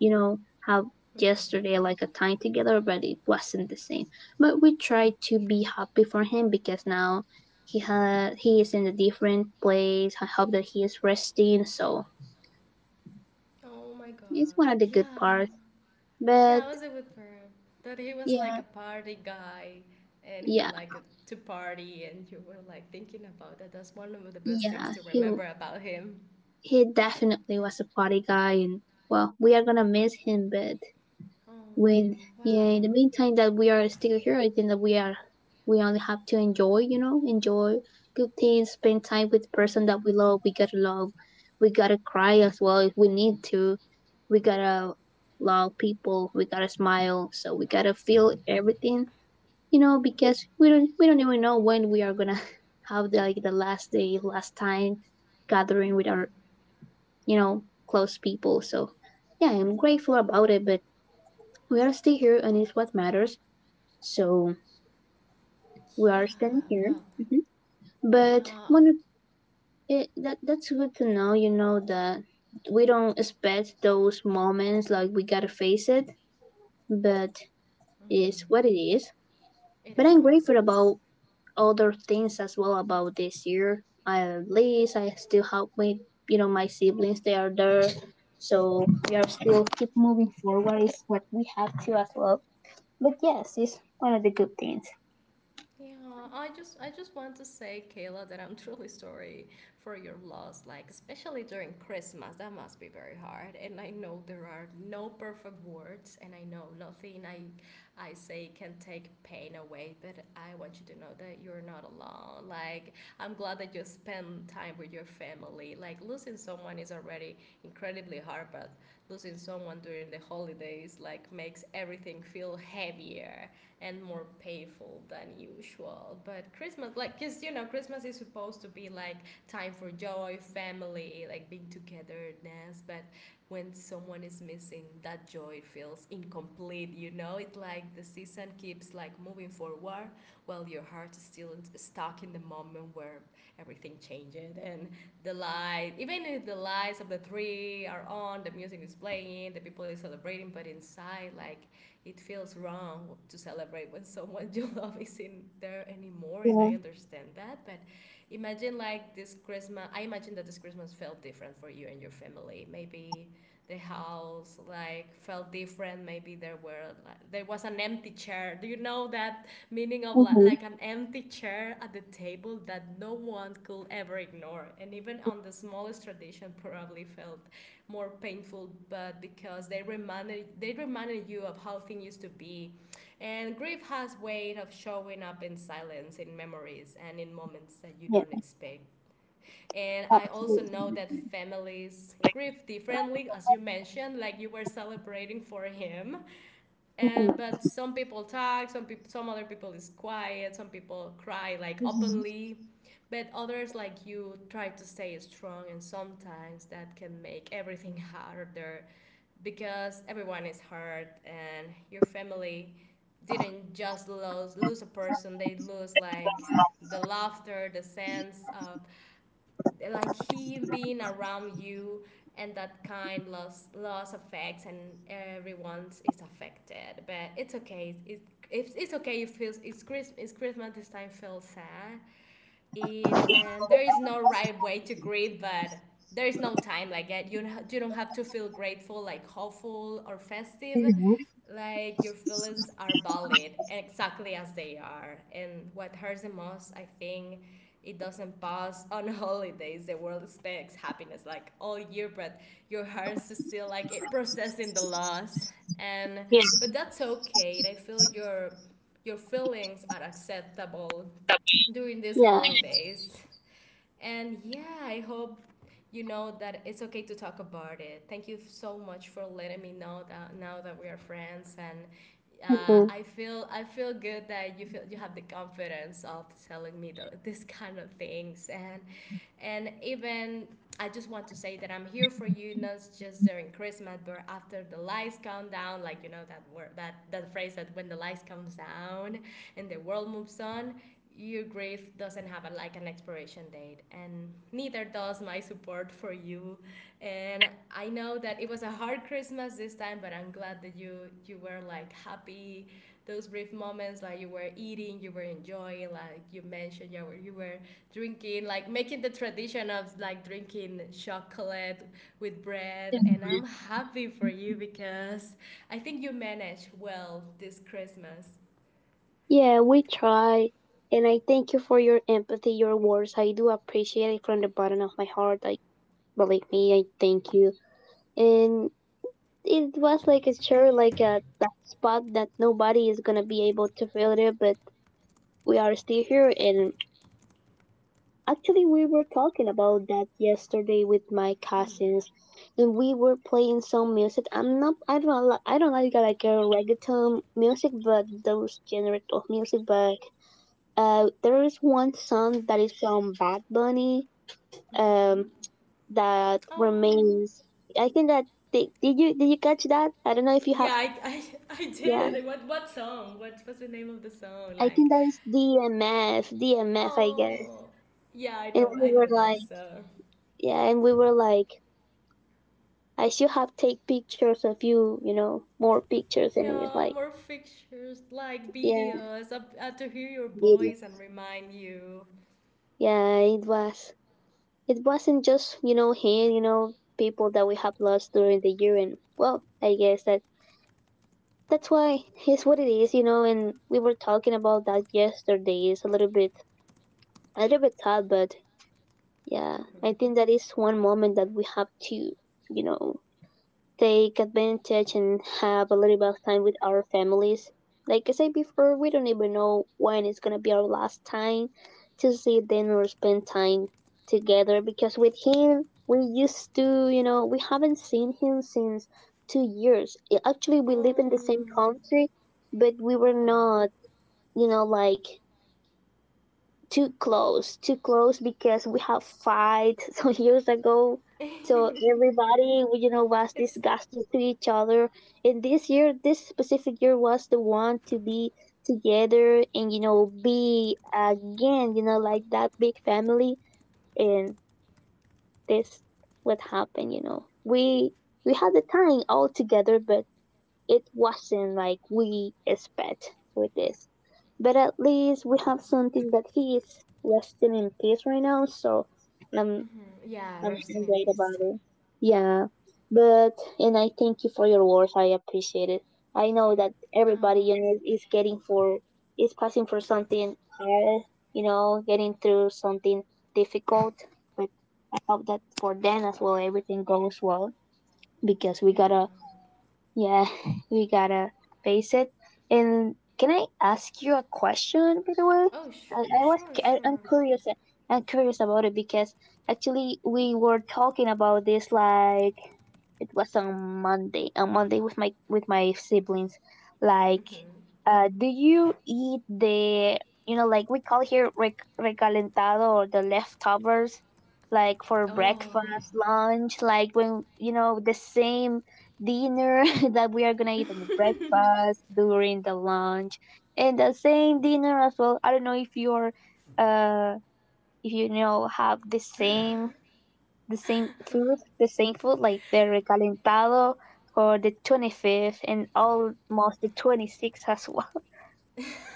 Speaker 2: you know, have
Speaker 1: Mhm.
Speaker 2: yesterday like a time together, but it wasn't the same. But we tried to be happy for him because now he is in a different place. I hope that he is resting. So
Speaker 1: Oh my god.
Speaker 2: it's one of the good
Speaker 1: Yeah.
Speaker 2: parts.
Speaker 1: Yeah,
Speaker 2: But
Speaker 1: I was with her. That he was like
Speaker 2: yeah,
Speaker 1: a party guy and he
Speaker 2: yeah,
Speaker 1: liked to party, and you were like thinking about that. That's one of the best things
Speaker 2: yeah,
Speaker 1: to
Speaker 2: he
Speaker 1: remember about him.
Speaker 2: he definitely was a party guy. And well, we are gonna miss him. But when, yeah,
Speaker 1: Wow.
Speaker 2: in the meantime that we are still here, I think that we only have to enjoy, you know, enjoy good things, spend time with
Speaker 1: Mm,
Speaker 2: person that we love. We gotta love, we gotta cry as well if we need to, we gotta love people, we gotta smile. So we gotta feel everything, you know, because we don't even know when we are gonna have like the last day, last time gathering with our, you know, close people. So, yeah, I'm grateful about it, but we are still here and it's what matters. So, we
Speaker 1: Yeah,
Speaker 2: are standing here.
Speaker 1: well,
Speaker 2: hmm But
Speaker 1: yeah.
Speaker 2: when it, that that's good to know, you know, that we don't expect those moments, like, we gotta face it, but it's what
Speaker 1: Mhm.
Speaker 2: it is.
Speaker 1: It
Speaker 2: But
Speaker 1: is
Speaker 2: I'm
Speaker 1: what it
Speaker 2: grateful
Speaker 1: is.
Speaker 2: about other things as well about this year. At least I still help with, you know, my siblings. They are there, so we are still keep moving forward. Is what we have to as well. But yes, it's one of the good things.
Speaker 1: Yeah, I just want to say, Kayla, that I'm truly sorry for your loss. Like especially during Christmas, that must be very hard. And I know there are no perfect words, and I know nothing I say can take pain away. But I want you to know that you're not alone. Like I'm glad that you spend time with your family. Like losing someone is already incredibly hard, but losing someone during the holidays like makes everything feel heavier and more painful than usual. But Christmas, like, cause you know, Christmas is supposed to be like time for joy, family, like being togetherness. But when someone is missing, that joy feels incomplete. You know, it's like the season keeps like moving forward, while your heart is still stuck in the moment where everything changes and the light. Even if the lights of the tree are on, the music is playing, the people is celebrating, but inside, like it feels wrong to celebrate when someone you love isn't there anymore. And I
Speaker 2: Yeah.
Speaker 1: understand that, but imagine like this Christmas. I imagine that this Christmas felt different for you and your family. Maybe the house like felt different. Maybe there were like, there was an empty chair. Do you know that meaning of
Speaker 2: Mm-hmm.
Speaker 1: like an empty chair at the table that no one could ever ignore? And even on the smallest tradition probably felt more painful, but because they reminded you of how things used to be. And grief has way of showing up in silence, in memories, and in moments that you
Speaker 2: Yeah.
Speaker 1: don't expect. And I also
Speaker 2: Absolutely.
Speaker 1: know that families grieve differently. As you mentioned, like you were celebrating for him. And
Speaker 2: Mhm.
Speaker 1: but some people talk, some people, some other people is quiet, some people cry like openly, but others like you try to stay strong. And sometimes that can make everything harder because everyone is hurt. And your family didn't just lose a person, they lose like the laughter, the sense of like him being around you. And that kind loss affects, and everyone is affected. But it's okay. It's okay. It feels it's Christmas. It's Christmas this time feels sad it. And there is no right way to grieve, but there is no time like that you don't have to feel grateful like hopeful or festive. Like your feelings are valid and exactly as they are. And what hurts the most, I think, it doesn't pass on holidays. The world expects happiness like all year, but your heart is still like it processing the loss. And
Speaker 2: Yeah.
Speaker 1: but that's okay. I feel your feelings are acceptable during these
Speaker 2: Yeah.
Speaker 1: holidays. And yeah, I hope you know that it's okay to talk about it. Thank you so much for letting me know that now that we are friends. And
Speaker 2: Hmm.
Speaker 1: I feel good that you feel you have the confidence of telling me this kind of things. And even I just want to say that I'm here for you, not just during Christmas, but after the lights come down. Like you know that word, that that phrase, that when the lights comes down and the world moves on, your grief doesn't have a, like an expiration date, and neither does my support for you. And I know that it was a hard Christmas this time, but I'm glad that you were like happy those brief moments, like you were eating, you were enjoying, like you mentioned, you were drinking, like making the tradition of like drinking chocolate with bread. And I'm happy for you because I think you managed well this Christmas.
Speaker 2: Yeah. We try, and I thank you for your empathy, your words. I do appreciate it from the bottom of my heart. Like, believe me, I thank you. And it was like a sure, like a that spot that nobody is gonna be able to fill it. But we are still here, and actually we were talking about that yesterday with my
Speaker 1: Mm.
Speaker 2: cousins, and we were playing some music. I don't like, like a reggaeton music, but those genre of music. But there is one song that is from Bad Bunny
Speaker 1: Mm-hmm.
Speaker 2: um that
Speaker 1: Um.
Speaker 2: remains. I think that did you catch that? I don't know if you
Speaker 1: Yeah,
Speaker 2: have.
Speaker 1: I
Speaker 2: Yeah.
Speaker 1: did. What song? What's the name of the song?
Speaker 2: I
Speaker 1: Like,
Speaker 2: think that is DMF, DMF, I guess.
Speaker 1: oh, yeah,
Speaker 2: And
Speaker 1: I
Speaker 2: we
Speaker 1: know
Speaker 2: were
Speaker 1: that
Speaker 2: like,
Speaker 1: song.
Speaker 2: yeah, and we were like, I should have take pictures of you, you know, more pictures. And we were
Speaker 1: Yeah,
Speaker 2: like,
Speaker 1: more pictures, like
Speaker 2: yeah,
Speaker 1: videos, up, to hear your
Speaker 2: really,
Speaker 1: voice and remind you.
Speaker 2: yeah, it was. It wasn't just, you know, him, you know, people that we have lost during the year, and well, I guess that that's why it's what it is, you know. And we were talking about that yesterday. It's a little bit sad, but yeah, I
Speaker 1: Mhm.
Speaker 2: think that is one moment that we have to, you know, take advantage and have a little bit of time with our families. Like I said before, we don't even know when it's gonna be our last time to see them or spend time together because with him, we used to, you know, we haven't seen him since 2 years. Actually, we live in the same
Speaker 1: Um.
Speaker 2: country, but we were
Speaker 1: Wow.
Speaker 2: not, you know, like too close because we have fight some years ago. So everybody, you know, was
Speaker 1: It's.
Speaker 2: disgusted to each other. And this year, this specific year was the one to be together and, you know, be again, you know, like that big family. And this what happened, you know. We had the time all together, but it wasn't like we expect with this. But at least we have something that he is resting in peace right now, so I'm
Speaker 1: Mhm,
Speaker 2: I'm
Speaker 1: yeah, resting in
Speaker 2: great about
Speaker 1: peace.
Speaker 2: it. Yeah. But and I thank you for your words. I appreciate it. I know that
Speaker 1: Oh,
Speaker 2: everybody, you know, is passing for something hard, you know, getting through something difficult. But I hope that for them as well everything goes well because we
Speaker 1: yeah.
Speaker 2: gotta, yeah, we gotta face it. And can I ask you a question, by the way?
Speaker 1: Oh, sure,
Speaker 2: I'm
Speaker 1: sure.
Speaker 2: curious. I'm curious about it because actually we were talking about this like it was on Monday. On Monday with my siblings, like
Speaker 1: Hmm.
Speaker 2: do you eat like we call here recalentado, or the leftovers, like for
Speaker 1: Oh.
Speaker 2: breakfast, lunch, like when, you know, the same dinner that we are gonna eat in the breakfast, during the lunch, and the same dinner as well. I don't know if you're, uh, if you know, have the same food, like the recalentado for the 25th and almost the 26th as well.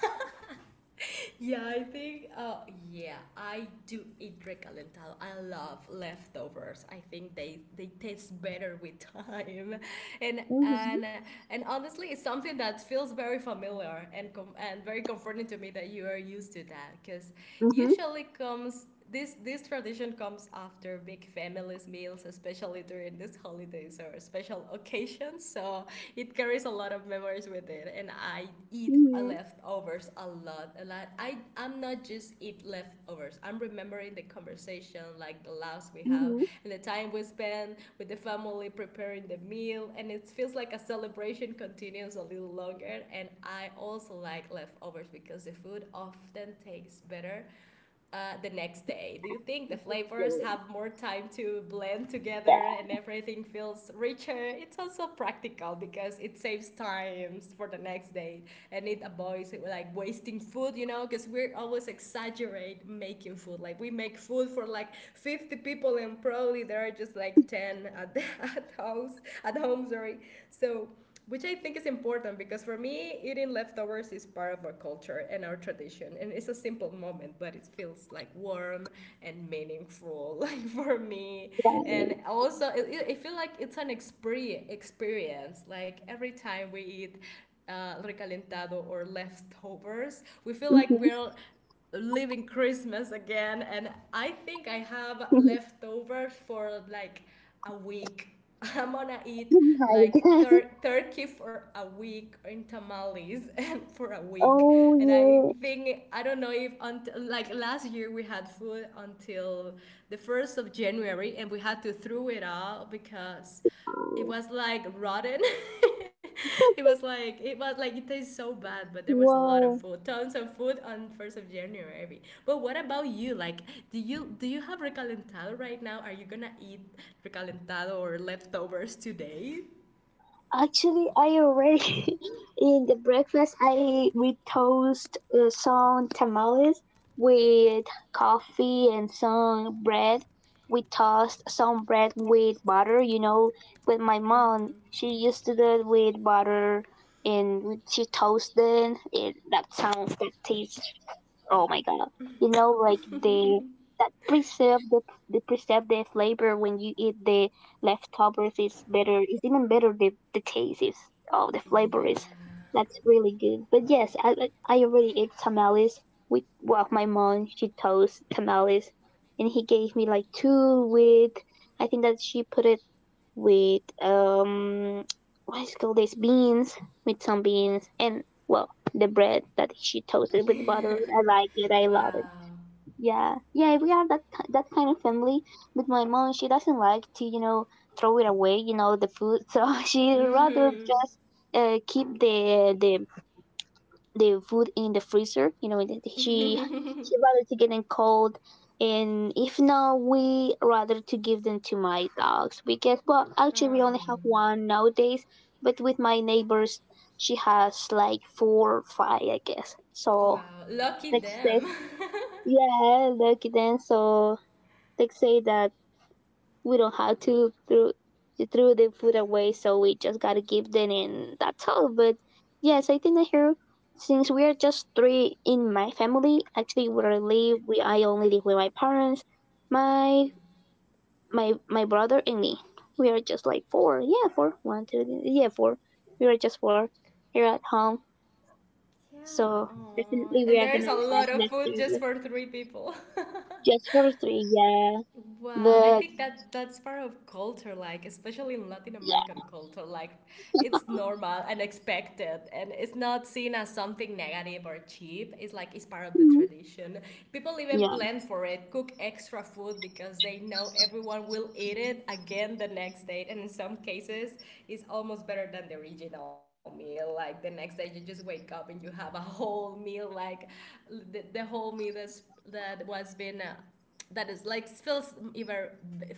Speaker 1: Yeah, I think. Yeah, I do eat recalentado. I love leftovers. I think they taste better with time, and and and honestly, it's something that feels very familiar and very comforting to me that you are used to that because
Speaker 2: Mhm.
Speaker 1: usually comes. This tradition comes after big families meals, especially during these holidays or special occasions, so it carries a lot of memories with it. And I eat
Speaker 2: Mhm.
Speaker 1: leftovers a lot, a lot. I'm not just eat leftovers, I'm remembering the conversation like the laughs we have
Speaker 2: Mhm.
Speaker 1: and the time we spend with the family preparing the meal. And it feels like a celebration continues a little longer. And I also like leftovers because the food often tastes better the next day. Do you think the flavors
Speaker 2: Interesting.
Speaker 1: have more time to blend together, and everything feels richer? It's also practical because it saves times for the next day, and it avoids like wasting food, you know, because we're always exaggerate making food. Like we make food for like 50 people and probably there are just like 10 at, the, at home, sorry. So which I think is important because for me, eating leftovers is part of our culture and our tradition, and it's a simple moment, but it feels like warm and meaningful like for me.
Speaker 2: Yeah.
Speaker 1: And also, I feel like it's an experience. Experience like every time we eat. Recalentado or leftovers. We feel like
Speaker 2: Mhm.
Speaker 1: we're living Christmas again, and I think I have leftover for like a week. I'm gonna eat
Speaker 2: Oh my
Speaker 1: like
Speaker 2: God.
Speaker 1: turkey for a week in tamales and for a week.
Speaker 2: Oh
Speaker 1: And I
Speaker 2: yeah.
Speaker 1: think I don't know if until like last year we had food until the 1st of January, and we had to throw it out because it
Speaker 2: Oh.
Speaker 1: was like rotten. It was like it tastes so bad, but there was a lot of
Speaker 2: Wow.
Speaker 1: food, tons of food on 1st of January. But what about you? Like, do you have recalentado right now? Are you gonna eat recalentado or leftovers today?
Speaker 2: Actually, I already in the breakfast. I we toast some tamales with coffee and some bread. We toast some bread with butter. You know, with my mom,
Speaker 1: Mm-hmm.
Speaker 2: she used to do it with butter, and she toasted it. That tastes, oh my god. You know, like the that preserve, the preserve the flavor when you eat the leftovers is better. It's even better. The taste is, oh, the flavor is,
Speaker 1: Yeah.
Speaker 2: that's really good. But yes, I already ate tamales with, well, my mom. She toast tamales, and he gave me like two with. I think that she put it with what is called, this beans with some beans, and well, the bread that she toasted with butter. I like it. I love it.
Speaker 1: Wow.
Speaker 2: Yeah, yeah. We are that kind of family. But my mom, she doesn't like to, throw it away. You know, the food. So she rather
Speaker 1: Mm-hmm.
Speaker 2: just keep the food in the freezer. You know, she rather to get them cold, and if not, we rather to give them to my dogs because, well, actually we only have
Speaker 1: um.
Speaker 2: one nowadays. But with my neighbors, she has like four or five, I guess. So
Speaker 1: Wow. Lucky
Speaker 2: let's say,
Speaker 1: them.
Speaker 2: yeah, lucky then. So let's say that we don't have to throw the food away, so we just gotta give them, and that's all. But yes, I think that here, since we are just three in my family, actually where I live, we I only live with my parents, my my brother and me. We are just like four, yeah, four. Four, one, two, three, yeah, four. We are just four here at home,
Speaker 1: Yeah.
Speaker 2: so
Speaker 1: Aww.
Speaker 2: definitely we
Speaker 1: And
Speaker 2: are gonna
Speaker 1: there's a
Speaker 2: have
Speaker 1: lot of food just
Speaker 2: leftovers
Speaker 1: for three people.
Speaker 2: just for three, yeah.
Speaker 1: Wow, I
Speaker 2: But
Speaker 1: think that's part of culture, like especially in Latin
Speaker 2: yeah,
Speaker 1: American culture, like it's normal and expected, and it's not seen as something negative or cheap. It's like it's part of the
Speaker 2: mhm,
Speaker 1: tradition. People even
Speaker 2: yeah.
Speaker 1: plan for it, cook extra food because they know everyone will eat it again the next day, and in some cases, it's almost better than the original meal. Like the next day, you just wake up and you have a whole meal, like the whole meal that's that was been. That is like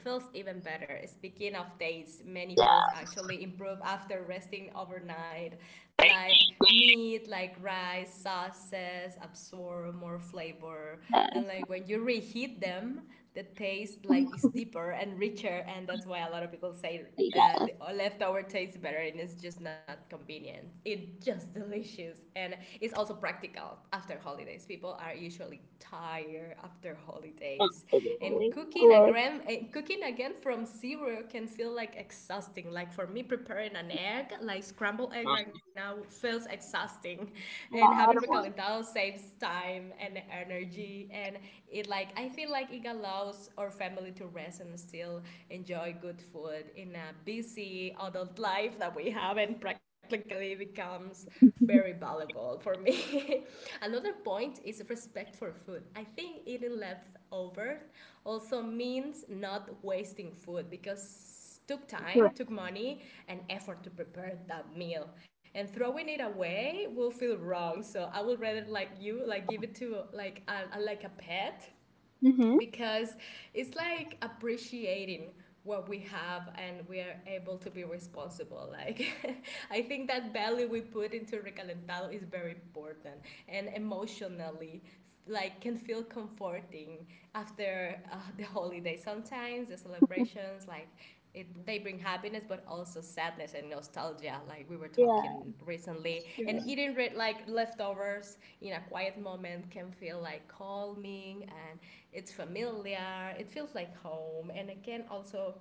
Speaker 1: feels even better. Speaking of dates, many foods actually improve after resting overnight, like meat, like rice, sauces absorb more flavor. And like when you reheat them, the taste like is
Speaker 2: uh,
Speaker 1: deeper and richer. And that's why a lot of people say
Speaker 2: yeah.
Speaker 1: the leftover tastes better, and it's just not convenient. It's just delicious, and it's also practical after holidays. People are usually tired after holidays,
Speaker 2: Absolutely.
Speaker 1: and
Speaker 2: Of
Speaker 1: cooking
Speaker 2: course.
Speaker 1: again from zero can feel like exhausting. Like for me, preparing an egg, like scrambled egg right now, feels exhausting, and
Speaker 2: My
Speaker 1: having
Speaker 2: other one.
Speaker 1: recalentado saves time and energy, and it like I feel like it allows our family to rest and still enjoy good food in a busy adult life that we have, and practically becomes very valuable for me. Another point is respect for food. I think eating leftovers also means not wasting food because took
Speaker 2: Right.
Speaker 1: time, took money and effort to prepare that meal. And throwing it away will feel wrong. So I would rather like you like give it to like like a pet
Speaker 2: Mm-hmm.
Speaker 1: because it's like appreciating what we have and we are able to be responsible, like. I think that value we put into recalentado is very important, and emotionally like can feel comforting after the holiday. Sometimes the celebrations, like they bring happiness, but also sadness and nostalgia, like we were
Speaker 2: Yeah,
Speaker 1: talking recently,
Speaker 2: sure.
Speaker 1: and eating red like leftovers in a quiet moment can feel like calming, and it's familiar, it feels like home. And again also,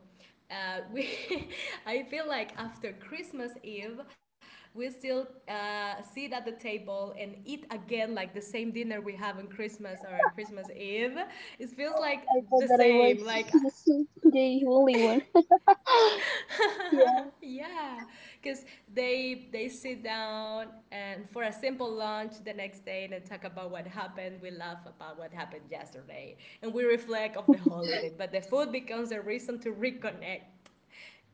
Speaker 1: we I feel like after Christmas Eve, we still sit at the table and eat again like the same dinner we have on Christmas or Christmas Eve. It feels like
Speaker 2: I thought
Speaker 1: the
Speaker 2: that I was
Speaker 1: same. Like
Speaker 2: the only one. Yeah.
Speaker 1: yeah, because they sit down and for a simple lunch the next day and talk about what happened, we laugh about what happened yesterday, and we reflect of the holiday, but the food becomes a reason to reconnect.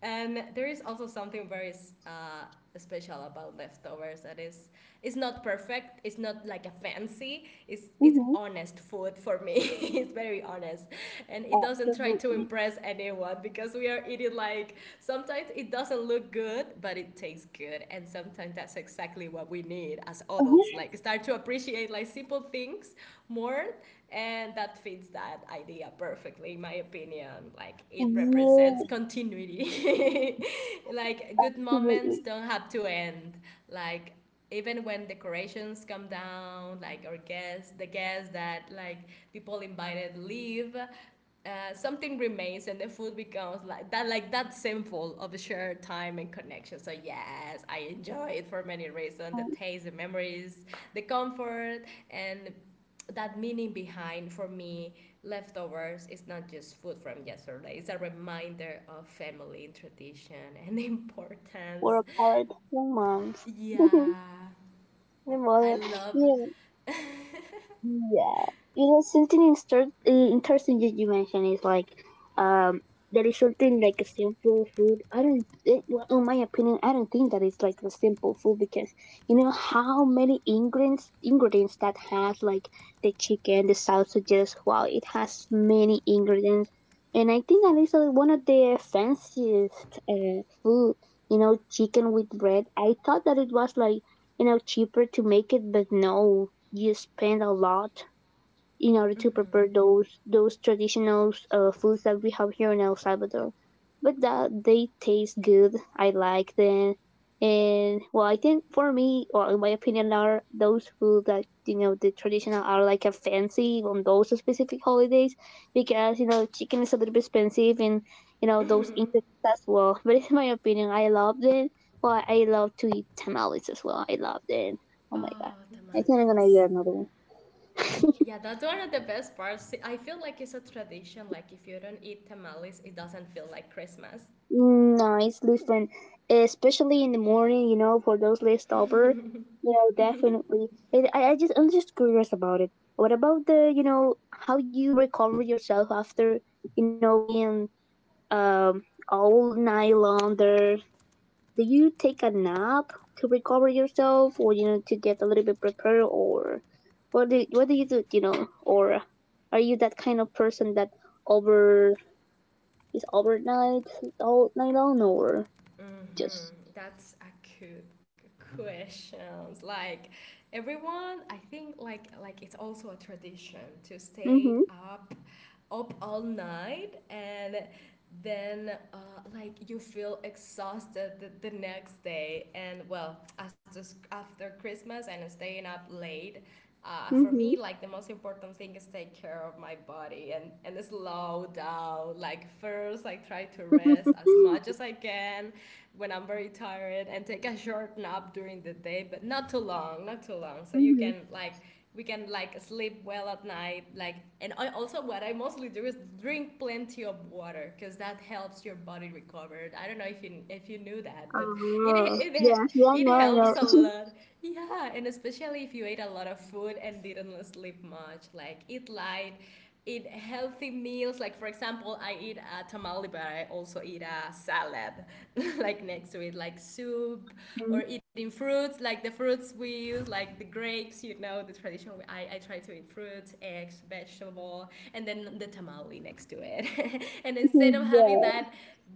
Speaker 1: And there is also something very uh, special about leftovers, that is it's not perfect, it's not like a fancy, it's
Speaker 2: Mm-hmm.
Speaker 1: honest food for me. It's very honest. And it doesn't try to
Speaker 2: Absolutely.
Speaker 1: impress anyone because we are eating, like sometimes it doesn't look good, but it tastes good. And sometimes that's exactly what we need as adults.
Speaker 2: Uh-huh.
Speaker 1: Like start to appreciate like simple things more, and that fits that idea perfectly in my opinion, like it represents
Speaker 2: Yeah,
Speaker 1: continuity. Like good moments
Speaker 2: absolutely.
Speaker 1: don't have to end, like even when decorations come down, like, or guests the guests that like people invited leave, something remains, and the food becomes like that symbol of the shared time and connection. So yes, I enjoy it for many reasons: the
Speaker 2: Um,
Speaker 1: taste, the memories, the comfort, and that meaning behind. For me leftovers is not just food from yesterday, it's a reminder of family and tradition and importance.
Speaker 2: Work hard, your moms,
Speaker 1: Yeah,
Speaker 2: your
Speaker 1: I
Speaker 2: mother.
Speaker 1: love.
Speaker 2: Yeah, yeah, you know, something interesting that you mentioned is like, um, there is something like a simple food. I don't, it, well, in my opinion, I don't think that it's like a simple food because you know how many ingredients that has, like the chicken, the sausages. Wow, it has many ingredients, and I think that is one of the fanciest food. You know, chicken with bread. I thought that it was like, cheaper to make it, but no, you spend a lot in order to prepare
Speaker 1: Mhm.
Speaker 2: those traditional foods that we have here in El Salvador. But that they taste good. I like them, and well, I think for me, or in my opinion, are those foods that, the traditional, are like a fancy on those specific holidays because, chicken is a little bit expensive, and you know those
Speaker 1: Mhm.
Speaker 2: ingredients as well. But in my opinion, I love them. Well, I love to eat tamales as well. I love them. Oh my god!
Speaker 1: Oh,
Speaker 2: I think I'm gonna eat
Speaker 1: tamales.
Speaker 2: another one.
Speaker 1: Yeah, that's one of the best parts. I feel like it's a tradition. Like if you don't eat tamales, it doesn't feel like Christmas.
Speaker 2: No, it's different, especially in the morning. You know, for those left over, definitely. It, I just, I'm just curious about it. What about how you recover yourself after, being um all night long there? Do you take a nap to recover yourself, or, to get a little bit prepared, or what do you do? You know, or are you that kind of person that over overnight all night long, or? Just,
Speaker 1: Mm-hmm. That's a good questions. Like everyone, I think like it's also a tradition to stay
Speaker 2: mhm,
Speaker 1: up all night, and then like you feel exhausted the next day, and well, after Christmas and staying up late, for
Speaker 2: mhm,
Speaker 1: me like the most important thing is take care of my body, and slow down. Like first I try to rest as much as I can when I'm very tired, and take a short nap during the day, but not too long, not too long, so you
Speaker 2: mhm.
Speaker 1: can, like, we can, like, sleep well at night. Like, and I also what I mostly do is drink plenty of water because that helps your body recover. I don't know if you knew that, but it,
Speaker 2: Oh,
Speaker 1: it
Speaker 2: yeah, yeah. I know,
Speaker 1: it
Speaker 2: I know.
Speaker 1: helps a lot, yeah. And especially if you ate a lot of food and didn't sleep much, like eat light, eat healthy meals. Like for example, I eat a tamale, but I also eat a salad, like next to it, like soup,
Speaker 2: Mhm,
Speaker 1: or eating fruits, like the fruits we use, like the grapes. You know, the tradition. I try to eat fruits, eggs, vegetable, and then the tamale next to it. And instead of having
Speaker 2: yeah,
Speaker 1: that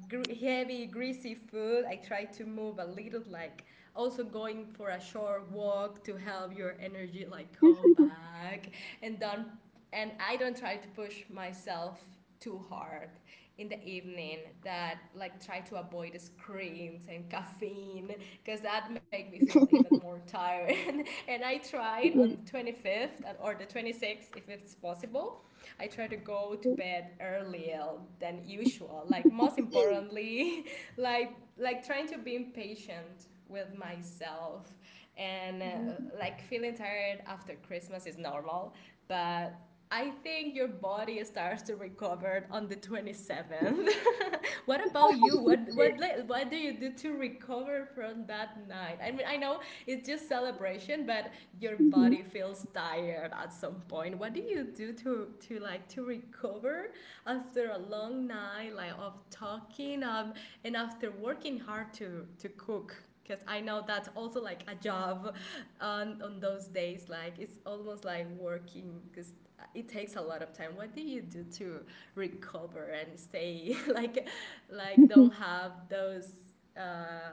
Speaker 1: heavy, greasy food, I try to move a little, like also going for a short walk to help your energy like come back, and don't and I don't try to push myself too hard in the evening, that, like, try to avoid the screens and caffeine because that make me feel even more tired. And I tried on the
Speaker 2: yeah.
Speaker 1: 25th or the 26th, if it's possible I try to go to bed earlier than usual, like most importantly. Like trying to be impatient with myself, and like feeling tired after Christmas is normal, but I think your body starts to recover on the 27th. What about you? What do you do to recover from that night? I mean, I know it's just celebration, but your body feels tired at some point. What do you do to like to recover after a long night like of talking, and after working hard to cook? Because I know that's also like a job on those days. Like it's almost like working because it takes a lot of time. What do you do to recover and stay like don't
Speaker 2: Mhm.
Speaker 1: have uh,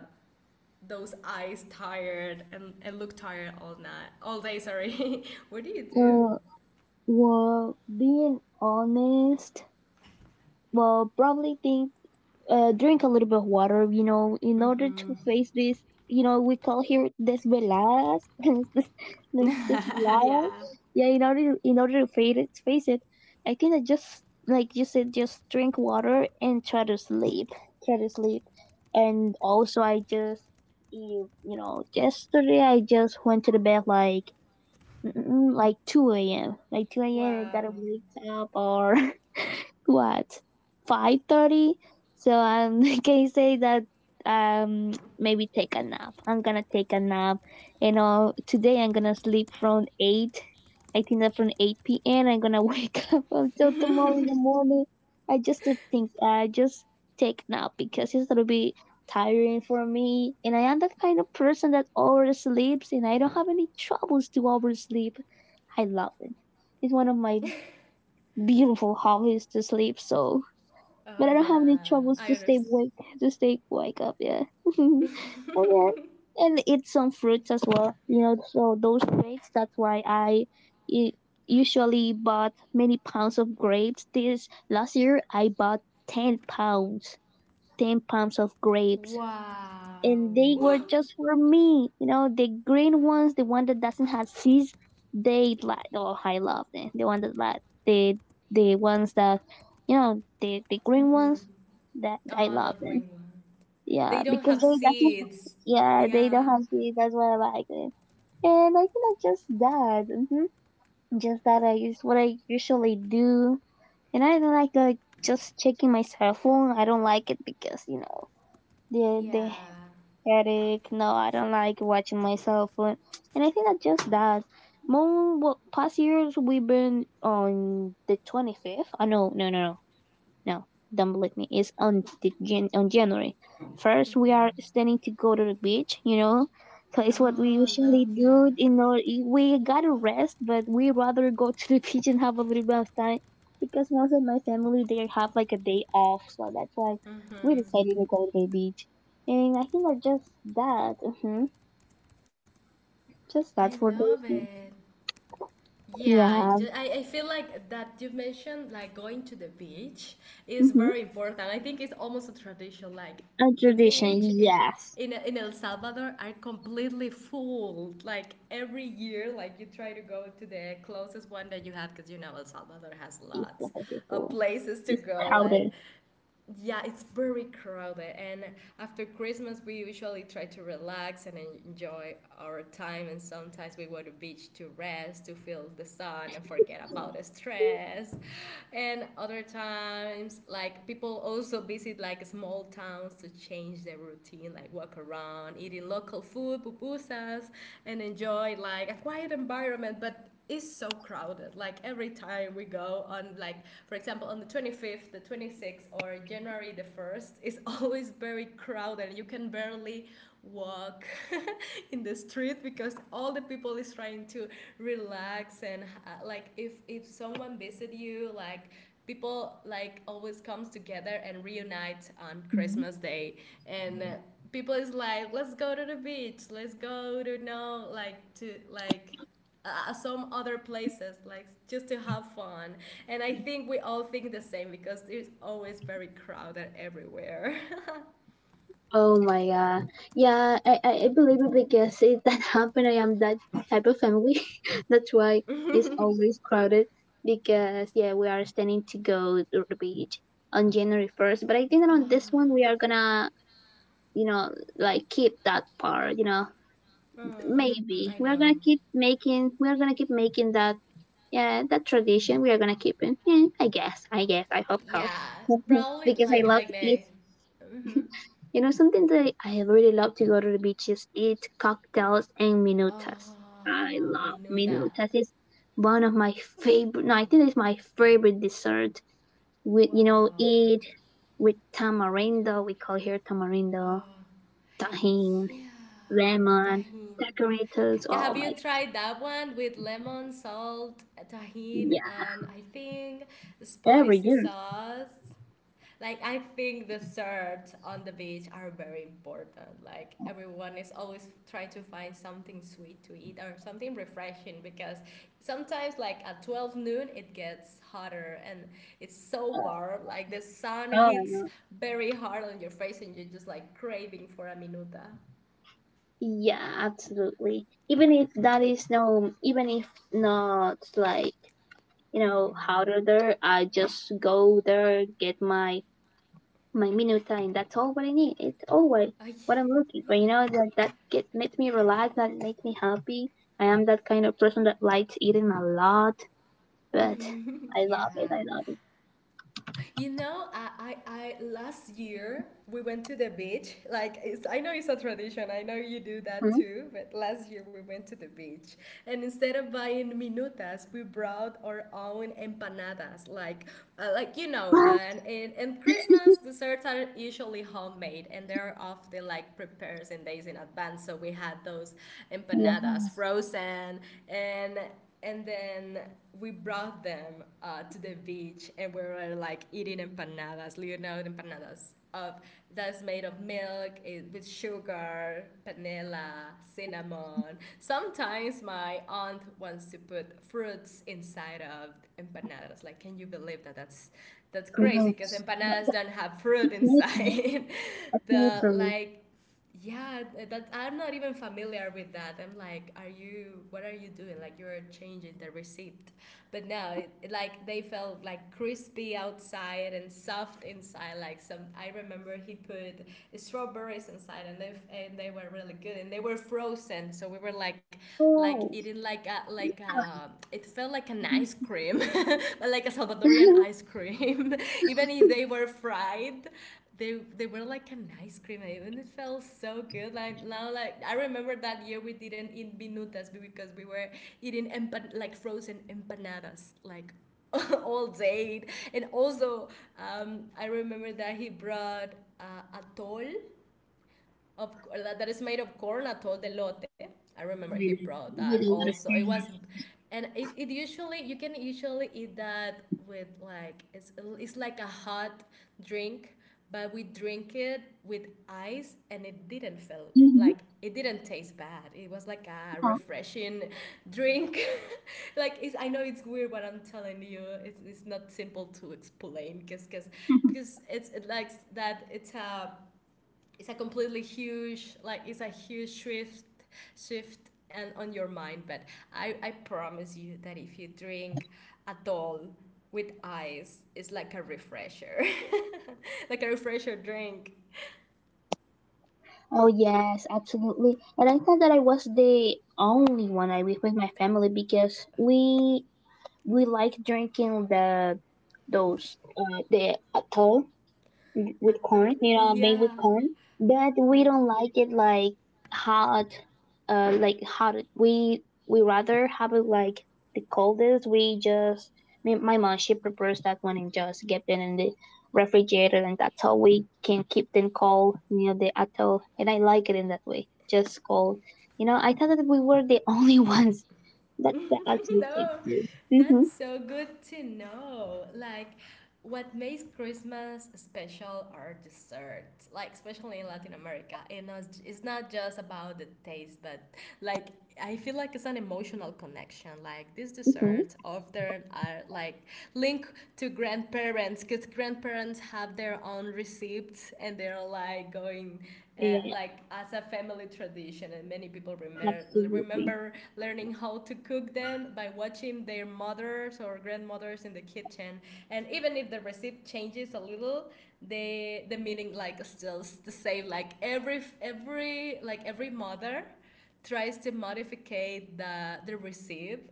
Speaker 1: those eyes tired, and look tired all night, all day, sorry. What do you do?
Speaker 2: Uh, well, being honest, well, probably think, drink a little bit of water, you know, in order
Speaker 1: Mm-hmm.
Speaker 2: to face this. You know, we call here desveladas, desveladas.
Speaker 1: Yeah.
Speaker 2: Yeah, in order, to face it, I think I just, like you said, just drink water and try to sleep, try to sleep, and also I just you you know yesterday I just went to the bed like, like 2 a.m., like 2 a.m. and got
Speaker 1: Wow.
Speaker 2: a wake up or what, 5:30. So can you say that, um maybe take a nap? I'm gonna take a nap, today. I'm gonna sleep from 8, I think that from 8 p.m. I'm gonna wake up until tomorrow in the morning. I just take nap because it's gonna be tiring for me, and I am that kind of person that oversleeps, and I don't have any troubles to oversleep. I love it. It's one of my
Speaker 1: Oh
Speaker 2: beautiful hobbies to sleep. So but I don't have any
Speaker 1: yeah,
Speaker 2: troubles
Speaker 1: I
Speaker 2: to
Speaker 1: understand.
Speaker 2: stay wake up. Yeah, and then and eat some fruits as well. You know, so those grapes. That's why I u- usually bought many pounds of grapes. This last year I bought 10 pounds, 10 pounds of grapes, and they were
Speaker 1: Wow.
Speaker 2: just for me. You know, the green ones, the one that doesn't have seeds, they like. Oh, I love them. The one that like the the ones that the green
Speaker 1: Mm-hmm.
Speaker 2: ones that I
Speaker 1: Oh, I
Speaker 2: love
Speaker 1: love
Speaker 2: them.
Speaker 1: green one,
Speaker 2: Yeah,
Speaker 1: they don't
Speaker 2: because
Speaker 1: have
Speaker 2: they doesn't.
Speaker 1: seeds,
Speaker 2: Yeah, they don't
Speaker 1: yeah,
Speaker 2: have seeds. That's why I like them. And I think that's just that. Just that I is what I usually do. And I don't like just checking my cell phone. I don't like it because, the
Speaker 1: yeah.
Speaker 2: Eric, no, I don't like watching my cell. And I think that just that. More, well, past years, we've been on the 25th. I know, no, no, no. No, don't believe me. It's on January. First, we are
Speaker 1: Mm-hmm.
Speaker 2: standing to go to the beach. You know, so it's what we
Speaker 1: Oh, I
Speaker 2: usually
Speaker 1: love
Speaker 2: do. You
Speaker 1: that.
Speaker 2: know, we gotta rest, but we rather go to the beach and have a little bit of time because most of my family, they have like a day off, so that's why we
Speaker 1: Mm-hmm.
Speaker 2: decided to go to the beach. And I think that just that, hmm just
Speaker 1: I
Speaker 2: that for
Speaker 1: love
Speaker 2: those days.
Speaker 1: it. Yeah, I,
Speaker 2: Yeah,
Speaker 1: ju- I feel like that you mentioned, like, going to the beach is
Speaker 2: hmm
Speaker 1: very important. I think it's almost a tradition. Like
Speaker 2: a
Speaker 1: the
Speaker 2: tradition.
Speaker 1: beach in
Speaker 2: Yes,
Speaker 1: in in El Salvador are completely full. Like every year, like you try to go to the closest one that you have because you know El Salvador has
Speaker 2: it's
Speaker 1: lots
Speaker 2: completely
Speaker 1: of
Speaker 2: full.
Speaker 1: places to
Speaker 2: It's
Speaker 1: go. Like
Speaker 2: crowded.
Speaker 1: yeah, it's very crowded, and after Christmas we usually try to relax and enjoy our time, and sometimes we go to beach to rest, to feel the sun and forget about the stress, and other times like people also visit like small towns to change their routine, like walk around eating local food, pupusas, and enjoy like a quiet environment. But is so crowded, like every time we go on, like for example on the 25th, the 26th, or January the 1st, it's always very crowded, you can barely walk in the street because all the people is trying to relax. And like if someone visit you, like people like always comes together and reunite on
Speaker 2: Mm-hmm.
Speaker 1: Christmas day. And people is like let's go to the beach, let's go to, like, to like some other places, like just to have fun. And I think we all think the same because it's always very crowded everywhere.
Speaker 2: Oh my god. Yeah, I believe it because it that happened. I am that type of family. That's why it's always crowded because, yeah, we are standing to go to the beach on January 1st. But I think that on
Speaker 1: Ah,
Speaker 2: this one we are gonna, you know, like keep that part.
Speaker 1: mm, mhm, I
Speaker 2: Maybe. We
Speaker 1: know.
Speaker 2: are gonna keep making we are gonna keep making that, yeah, that tradition. We are gonna keep it. Yeah, I guess. I guess. I hope so.
Speaker 1: Yeah, probably
Speaker 2: Because I
Speaker 1: like
Speaker 2: love
Speaker 1: like
Speaker 2: to eat,
Speaker 1: they. Hmm.
Speaker 2: something that I have really loved to go to the beaches, eat cocktails and minutas. I
Speaker 1: Oh,
Speaker 2: love
Speaker 1: minuta.
Speaker 2: minutas. It's one of my favorite. No, I think it's my favorite dessert. With,
Speaker 1: Wow.
Speaker 2: eat with tamarindo. We call here tamarindo,
Speaker 1: Oh
Speaker 2: tahine,
Speaker 1: yeah,
Speaker 2: lemon,
Speaker 1: tahin. Yeah,
Speaker 2: decorators.
Speaker 1: have you
Speaker 2: Oh my
Speaker 1: tried
Speaker 2: god,
Speaker 1: that one with lemon, salt, tahin,
Speaker 2: yeah,
Speaker 1: and I think
Speaker 2: every
Speaker 1: spicy
Speaker 2: year.
Speaker 1: sauce? Like I think the surf on the beach are very important. Like everyone is always trying to find something sweet to eat or something refreshing because sometimes like at 12 noon it gets hotter and it's so warm, like the sun
Speaker 2: Oh
Speaker 1: hits
Speaker 2: no.
Speaker 1: very hard on your face and you're just like craving for a minuta.
Speaker 2: Yeah, absolutely. Even if that is no, even if not, like,
Speaker 1: Mhm.
Speaker 2: harder there. I just go there, get my minuta, and that's all what I need. It's all what,
Speaker 1: Ay,
Speaker 2: what I'm looking for. You
Speaker 1: yeah.
Speaker 2: know, that that get makes me relax, that makes me happy. I am that kind of person that likes eating a lot, but I
Speaker 1: Yeah.
Speaker 2: love it. I love it.
Speaker 1: You know, I last year we went to the beach. Like it's, I know it's a tradition. I know you do that
Speaker 2: Hmm?
Speaker 1: too. But last year we went to the beach, and instead of buying minutas, we brought our own empanadas. Like like,
Speaker 2: What?
Speaker 1: and Christmas desserts are usually homemade, and they're often like prepared in days in advance. So we had those empanadas
Speaker 2: Yeah,
Speaker 1: frozen, and and then we brought them to the beach, and we were like eating empanadas, Leonardo empanadas. Of, that's made of milk, with sugar, panela, cinnamon. Sometimes my aunt wants to put fruits inside of empanadas. Like, can you believe that? That's crazy because
Speaker 2: gross. That,
Speaker 1: empanadas
Speaker 2: that
Speaker 1: don't have fruit
Speaker 2: is making it
Speaker 1: inside.
Speaker 2: a thing
Speaker 1: the
Speaker 2: for me.
Speaker 1: Like yeah, that I'm not even familiar with, that I'm like, are you, what are you doing, like you're changing the receipt. But no, like they felt like crispy outside and soft inside. Like some, I remember he put strawberries inside, and they were really good, and they were frozen, so we were like
Speaker 2: Oh,
Speaker 1: eating like a it felt like an ice cream. Like a Salvadorian
Speaker 2: with
Speaker 1: ice cream. Even if they were fried, they were like an ice cream and it felt so good. Like now, like I remember that year we didn't eat minutas because we were eating like frozen empanadas, like all day. And also I remember that he brought atol of that is made of corn, atol de lote. I remember he brought that
Speaker 2: a lot of
Speaker 1: also. It was,
Speaker 2: fear.
Speaker 1: and it usually you can usually eat that with like it's like a hot drink, but we drink it with ice, and
Speaker 2: Mm-hmm.
Speaker 1: it didn't taste bad. It was like a refreshing drink. Like I know it's weird, but I'm telling you, it's not simple to explain because it likes that it's a completely huge like it's a huge shift and on your mind, but I promise you that if you drink at all with ice it's like a refresher like a refresher drink
Speaker 2: Oh yes, absolutely. And I thought that I was the only one, I with my family, because we like drinking the atoll with
Speaker 1: at
Speaker 2: corn,
Speaker 1: all,
Speaker 2: made with
Speaker 1: yeah,
Speaker 2: corn. But we
Speaker 1: made.
Speaker 2: don't like it like hot, like hot. We rather have it like the coldest. My mom, she prepares that one and just get them in the refrigerator, and that's how we can keep them cold near the atoll. And I like it in that way, just cold. You know, I thought that we were the only ones that actually takes
Speaker 1: No,
Speaker 2: this. Mm-hmm.
Speaker 1: that's so good to know. Like, what makes Christmas special are desserts. Like, especially in Latin America, and it's not just about the taste, but like I feel like it's an emotional connection. Like these
Speaker 2: Mm-hmm.
Speaker 1: desserts often are like linked to grandparents, because grandparents have their own receipts, and they're like going
Speaker 2: Yeah,
Speaker 1: uh,
Speaker 2: yeah,
Speaker 1: like as a family tradition, and many people
Speaker 2: yeah.
Speaker 1: remember
Speaker 2: Absolutely.
Speaker 1: remember learning how to cook them by watching their mothers or grandmothers in the kitchen. And even if the recipe changes a little, the meaning like still the same. Like every mother tries to modificate the recipe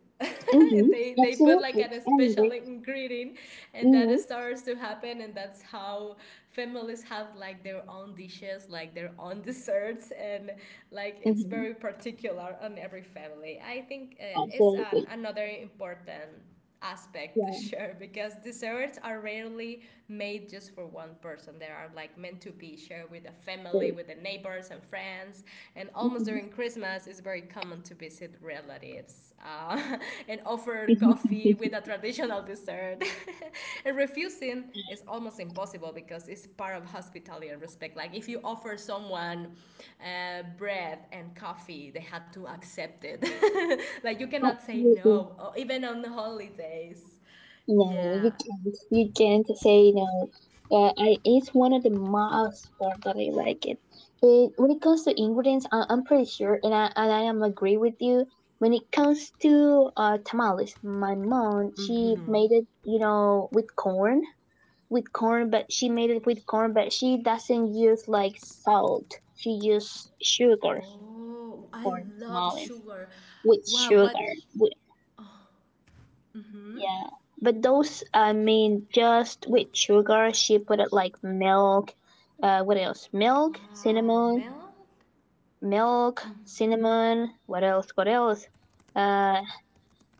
Speaker 1: and
Speaker 2: Mm-hmm.
Speaker 1: they put like
Speaker 2: Absolutely.
Speaker 1: an
Speaker 2: I
Speaker 1: special
Speaker 2: agree.
Speaker 1: ingredient, and
Speaker 2: Mm-hmm.
Speaker 1: that starts to happen, and that's how families have like their own dishes, like their own desserts, and like it's
Speaker 2: Mm-hmm.
Speaker 1: very particular on every family, I think. It's
Speaker 2: Absolutely.
Speaker 1: another important aspect to
Speaker 2: Yeah.
Speaker 1: share because desserts are rarely made just for one person. They are like meant to be shared with the family,
Speaker 2: Very.
Speaker 1: with the neighbors and friends. And almost during
Speaker 2: Hmm.
Speaker 1: Christmas, it's very common to visit relatives and offer coffee with a traditional dessert. And refusing is almost impossible because it's part of hospitality and respect. Like if you offer someone bread and coffee, they had to accept it. Like you cannot say
Speaker 2: Absolutely.
Speaker 1: no, or even on the holidays.
Speaker 2: No,
Speaker 1: Yeah.
Speaker 2: you can't. You can't say no. It's one of the most part that I like it. When it comes to ingredients, I'm pretty sure, and I am agree with you. When it comes to tamales, my mom, she
Speaker 1: Mm-hmm.
Speaker 2: made it, with corn, but she made it with corn, but she doesn't use like salt. She used sugar
Speaker 1: Oh, I
Speaker 2: for
Speaker 1: love
Speaker 2: smallies
Speaker 1: sugar.
Speaker 2: with
Speaker 1: Wow,
Speaker 2: sugar.
Speaker 1: what?
Speaker 2: With,
Speaker 1: Mm-hmm.
Speaker 2: yeah, but those, I mean, just with sugar. She put it like milk. What else? Milk,
Speaker 1: Wow,
Speaker 2: cinnamon,
Speaker 1: milk.
Speaker 2: milk, cinnamon. What else? What else? Uh,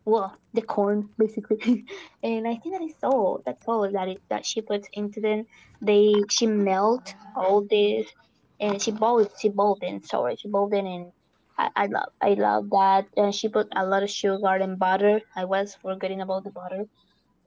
Speaker 2: well, the corn basically. And I think that is all. That's all that she puts into them. They she melt
Speaker 1: Wow.
Speaker 2: all this, and she boiled in sorry she boiled in and I love that. And she put a lot of sugar and butter. I was
Speaker 1: What?
Speaker 2: forgetting about the butter.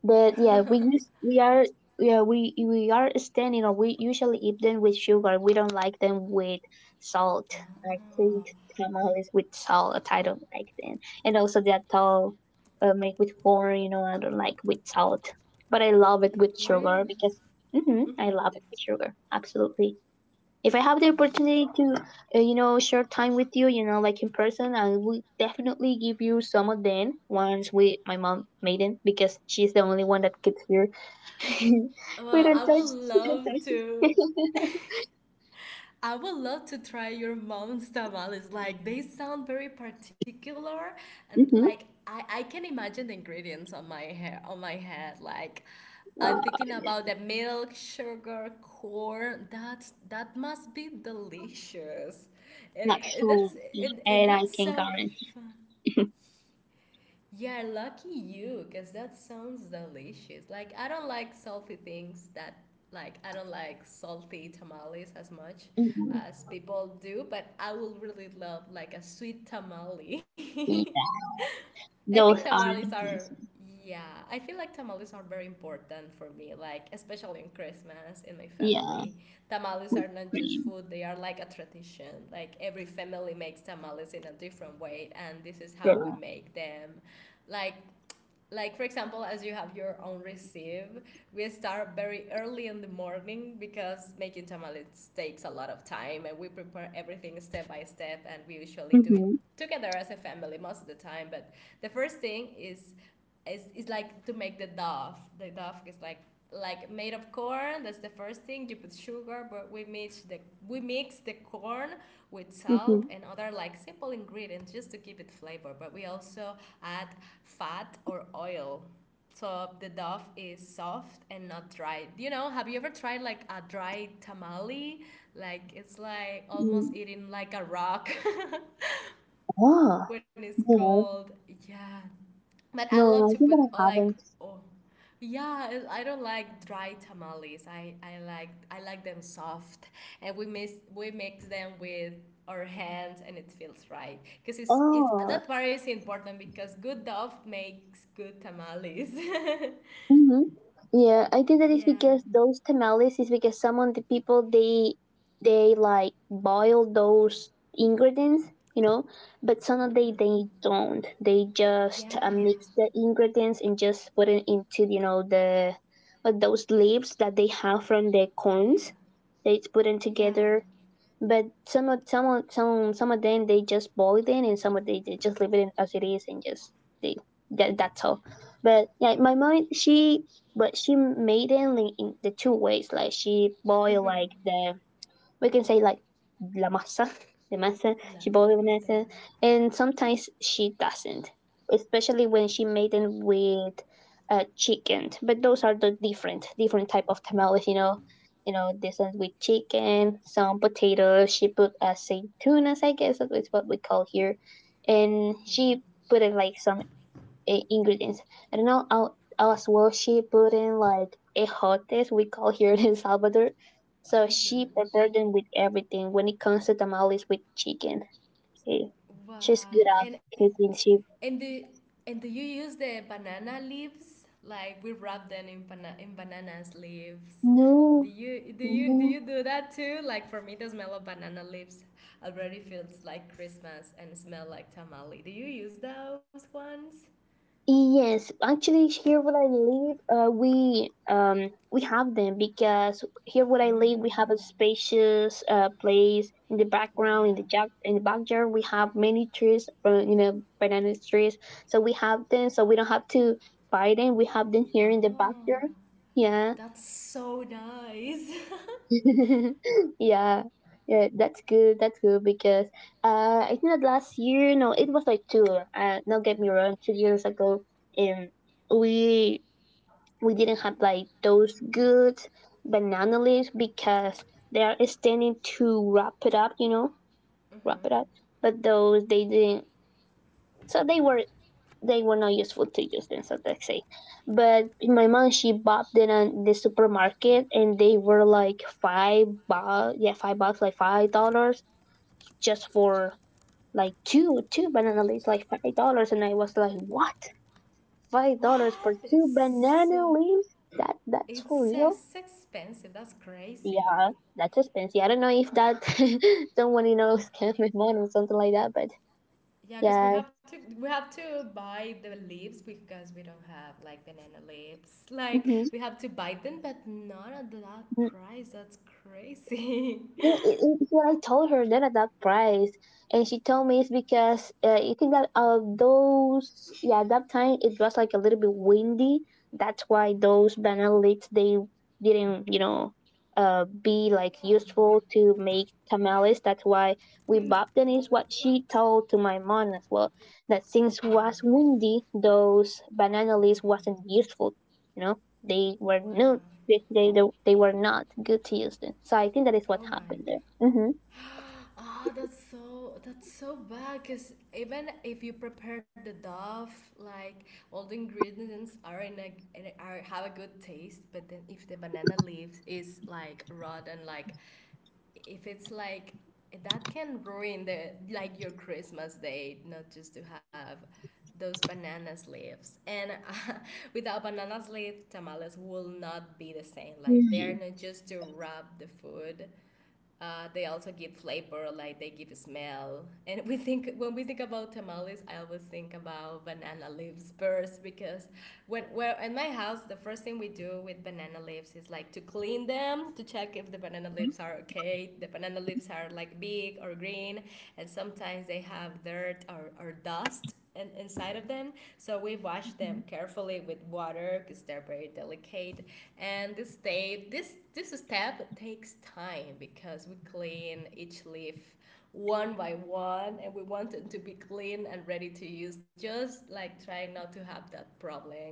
Speaker 2: But yeah, we use we are yeah we are standing, or we usually eat them with sugar. We don't like them with salt. I think
Speaker 1: Oh,
Speaker 2: tamales with salt, I don't like them, and also the atol made with corn. You know, I don't like with salt, but I love it with sugar
Speaker 1: really?
Speaker 2: because I
Speaker 1: Mm-hmm.
Speaker 2: love it with sugar. Absolutely, if I have the opportunity to, you know, share time with you, you know, like in person, I will definitely give you some of them once with my mom made them because she's the only one that gets here. We
Speaker 1: Well,
Speaker 2: don't touch. We don't touch.
Speaker 1: I would love to try your mom's tamales. Like they sound very particular, and
Speaker 2: Mm-hmm.
Speaker 1: like I can imagine the ingredients on my hair on my head. Like I'm
Speaker 2: uh,
Speaker 1: thinking about the milk, sugar, corn. That must be delicious, and
Speaker 2: Not sure, and I
Speaker 1: that's
Speaker 2: can
Speaker 1: so
Speaker 2: guarantee.
Speaker 1: fun. Yeah, lucky you, because that sounds delicious. Like, I don't like salty things that, like, I don't like salty tamales as much
Speaker 2: Mhm.
Speaker 1: as people do, but I would really love, like, a sweet tamale.
Speaker 2: Yeah,
Speaker 1: I think
Speaker 2: those are
Speaker 1: tamales
Speaker 2: the
Speaker 1: are,
Speaker 2: best.
Speaker 1: yeah, I feel like tamales are very important for me, like, especially in Christmas in my
Speaker 2: Yeah,
Speaker 1: family. Tamales are
Speaker 2: whipped
Speaker 1: not just
Speaker 2: cream.
Speaker 1: food, they are like a tradition. Like, every family makes tamales in a different way, and this is how we
Speaker 2: Yeah.
Speaker 1: make them, like like for example as you have your own receive. We start very early in the morning because making tamales takes a lot of time, and we prepare everything step by step, and we usually do it
Speaker 2: Mhm,
Speaker 1: together as a family most of the time. But the first thing is like to make the dough. The dough is like made of corn. That's the first thing. You put sugar, but we mix the corn with salt
Speaker 2: mhm,
Speaker 1: and other like simple ingredients just to give it flavor, but we also add fat or oil. So the dough is soft and not dry. You know, have you ever tried like a dry tamale? Like it's like
Speaker 2: mm.
Speaker 1: almost eating like a rock
Speaker 2: Oh,
Speaker 1: when it's
Speaker 2: no,
Speaker 1: cold. Yeah. But I
Speaker 2: no,
Speaker 1: love to
Speaker 2: I
Speaker 1: put
Speaker 2: think that
Speaker 1: all
Speaker 2: I
Speaker 1: like,
Speaker 2: haven't.
Speaker 1: oh yeah, I don't like dry tamales. I like them soft, and we mix them with our hands, and it feels right. Cause it's
Speaker 2: Oh,
Speaker 1: that part is important because good dough makes good tamales.
Speaker 2: mhm. Yeah, I think that is
Speaker 1: Yeah.
Speaker 2: because those tamales is because some of the people, they like boil those ingredients, you know, but some of they
Speaker 1: Hmm.
Speaker 2: don't. They
Speaker 1: Yeah.
Speaker 2: just mix the ingredients and just put it into, you know, the those leaves that they have from the
Speaker 1: Yeah.
Speaker 2: corns. They put them
Speaker 1: Yeah.
Speaker 2: together, but some of them they just boil it in, and some of they just leave it in as it is, and just they that's all. But yeah, my mom she made it like in the two ways, like she boiled
Speaker 1: Hmm.
Speaker 2: like the, we can say, like la masa, the masa.
Speaker 1: La.
Speaker 2: She bought the
Speaker 1: Dama.
Speaker 2: masa, and sometimes she doesn't, especially when she made it with chicken. But those are the different type of tamales, you know. You know, this one with chicken, some potatoes. She put aceitunas, I guess that's what we call here, and she
Speaker 1: Hmm.
Speaker 2: put it like some ingredients. I don't know. As well, she put in like ejotes, we call here in Salvador. So she
Speaker 1: Hmm.
Speaker 2: prepared them with everything. When it comes to tamales with chicken, she, she's good
Speaker 1: Wow.
Speaker 2: at cooking. She
Speaker 1: And do and do you use the banana leaves? Like we wrap them in in bananas leaves. Do
Speaker 2: no,
Speaker 1: you do
Speaker 2: no,
Speaker 1: you do you do that too? Like for me, the smell of banana leaves already feels like Christmas and smell like tamale. Do you use those ones?
Speaker 2: Yes, actually, here where I live, we have them because here where I live, we
Speaker 1: Mm.
Speaker 2: have a spacious place in the
Speaker 1: Wow.
Speaker 2: background, in the backyard. We have many trees from, you know, banana trees, so we have them, so we don't have to buy them. We have them here in the backyard.
Speaker 1: Oh,
Speaker 2: Yeah,
Speaker 1: that's so nice.
Speaker 2: yeah, yeah. That's good. That's good because I think that last year, no, it was like two. Not get me wrong, 2 years ago, um, we we didn't have like those good banana leaves because they are standing to wrap it up, you know, wrap it
Speaker 1: Hmm.
Speaker 2: up. But those they didn't, so they were not useful to use them, so let's say. But my mom she bought them at the supermarket, and they were like $5, yeah, $5, like $5, just for like two banana leaves, like $5, and I was like, what? $5 for
Speaker 1: What?
Speaker 2: two
Speaker 1: It's
Speaker 2: banana
Speaker 1: so
Speaker 2: leaves? That's for
Speaker 1: it's,
Speaker 2: real?
Speaker 1: it's expensive. That's
Speaker 2: Yeah,
Speaker 1: crazy.
Speaker 2: that's expensive. I don't know if that somebody knows can make more or something like that, but
Speaker 1: Yeah,
Speaker 2: yeah.
Speaker 1: because we have to buy the leaves because we don't have like banana leaves. Like
Speaker 2: hmm
Speaker 1: we have to buy them, but not at that price. That's crazy.
Speaker 2: Well, it's when I told her that at that price, and she told me it's because you think that those, yeah, at that time it was like a little bit windy. That's why those banana leaves they didn't, you know, be like
Speaker 1: Yeah.
Speaker 2: useful to make tamales. That's why we bought them. Is what she told to my mom as well, that
Speaker 1: Uh
Speaker 2: since was
Speaker 1: huh.
Speaker 2: windy, those banana leaves wasn't useful. You know, they were
Speaker 1: Wow.
Speaker 2: no, they, they were not good to use them. So I think that is what
Speaker 1: Oh my
Speaker 2: happened
Speaker 1: god.
Speaker 2: there. Mm-hmm.
Speaker 1: Ah, that's so bad. Cause even if you prepare the dove, like all the ingredients are in a- are have a good taste, but then if the banana leaves is like rotten, like if it's like, that can ruin the like your Christmas day, not just to have those banana leaves. And without banana leaf, tamales will not be the same. Like they're
Speaker 2: Mm.
Speaker 1: not just to wrap the food. They also give flavor, like they give a smell. And we think about tamales, I always think about banana leaves first because, when, well in my house the first thing we do with banana leaves is like to clean them, to check if the banana leaves are okay. The banana leaves are like big or green, and sometimes they have dirt or dust inside of them, so we wash them carefully with water because they're very delicate, and this stay this this step takes time because we clean each leaf one by one, and we want it to be clean and ready to use, just like try not to have that problem.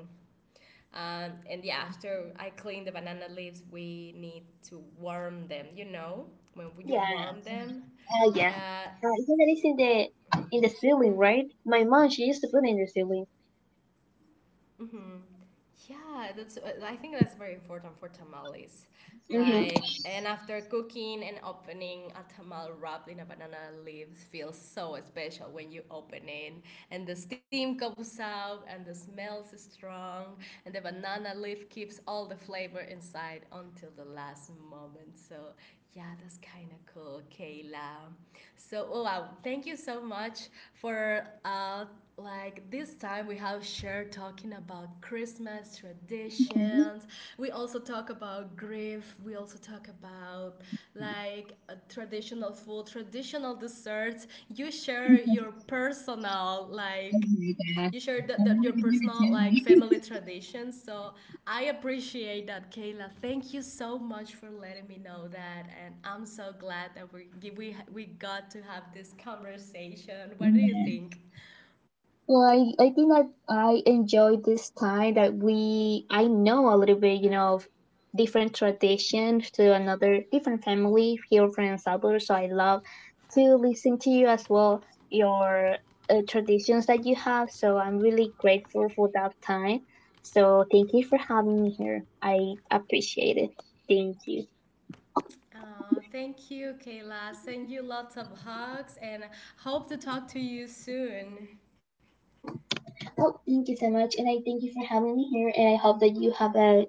Speaker 1: And yeah, after I clean the banana leaves, we need to warm them. You know, when you
Speaker 2: Yeah,
Speaker 1: warm them,
Speaker 2: yeah.
Speaker 1: uh,
Speaker 2: I think that is in the ceiling, right? My mom she used to put it in the ceiling.
Speaker 1: mm-hmm. Yeah, that's. I think that's very important for tamales.
Speaker 2: Mm-hmm.
Speaker 1: Like, and after cooking and opening a tamal wrapped in a banana leaves feels so special when you open it, and the steam comes out, and the smells is strong, and the banana leaf keeps all the flavor inside until the last moment. So, yeah, that's kind of cool, Kayla. So, oh, wow, thank you so much for like this time we have shared talking about Christmas
Speaker 2: Mm-hmm.
Speaker 1: traditions. We also talk about grief. We also talk about like a traditional food, traditional desserts. You share your personal
Speaker 2: Oh
Speaker 1: like
Speaker 2: my
Speaker 1: you
Speaker 2: god.
Speaker 1: share that, that
Speaker 2: I
Speaker 1: your
Speaker 2: wanted to do
Speaker 1: personal like family
Speaker 2: it.
Speaker 1: traditions, so I appreciate that, Kayla. Thank you so much for letting me know that, and I'm so glad that we got to have this conversation. What do you think?
Speaker 2: Well, I think that I enjoy this time that we, I know a little bit, you know, of different traditions to another different family here from El Salvador. So I love to listen to you as well, your traditions that you have. So I'm really grateful for that time. So thank you for having me here. I appreciate it. Thank you.
Speaker 1: Oh, thank you, Kayla. Send you lots of hugs and hope to talk to you soon.
Speaker 2: Oh, thank you so much, and I thank you for having me here. And I hope that you have a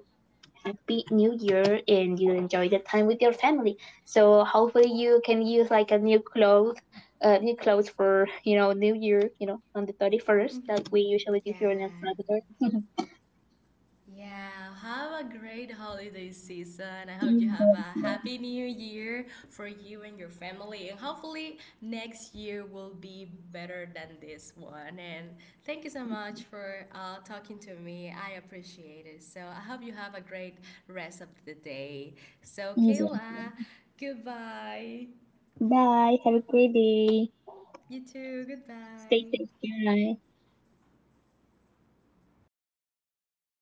Speaker 2: happy new year and you enjoy the time with your family, so hopefully you can use like a new clothes, new clothes for, you know, new year, you know, on the 31st
Speaker 1: Mm-hmm.
Speaker 2: that we usually do
Speaker 1: Yeah.
Speaker 2: here in El Salvador.
Speaker 1: Yeah, have a great holiday season. I hope you
Speaker 2: Easy
Speaker 1: have
Speaker 2: as
Speaker 1: a
Speaker 2: well.
Speaker 1: happy new year for you and your family. And hopefully, next year will be better than this one. And thank you so much for talking to me. I appreciate it. So, I hope you have a great rest of the day. So,
Speaker 2: Well,
Speaker 1: Kayla, goodbye.
Speaker 2: bye. Have a great day.
Speaker 1: You too.
Speaker 2: Stay
Speaker 1: Goodbye.
Speaker 2: safe. Bye.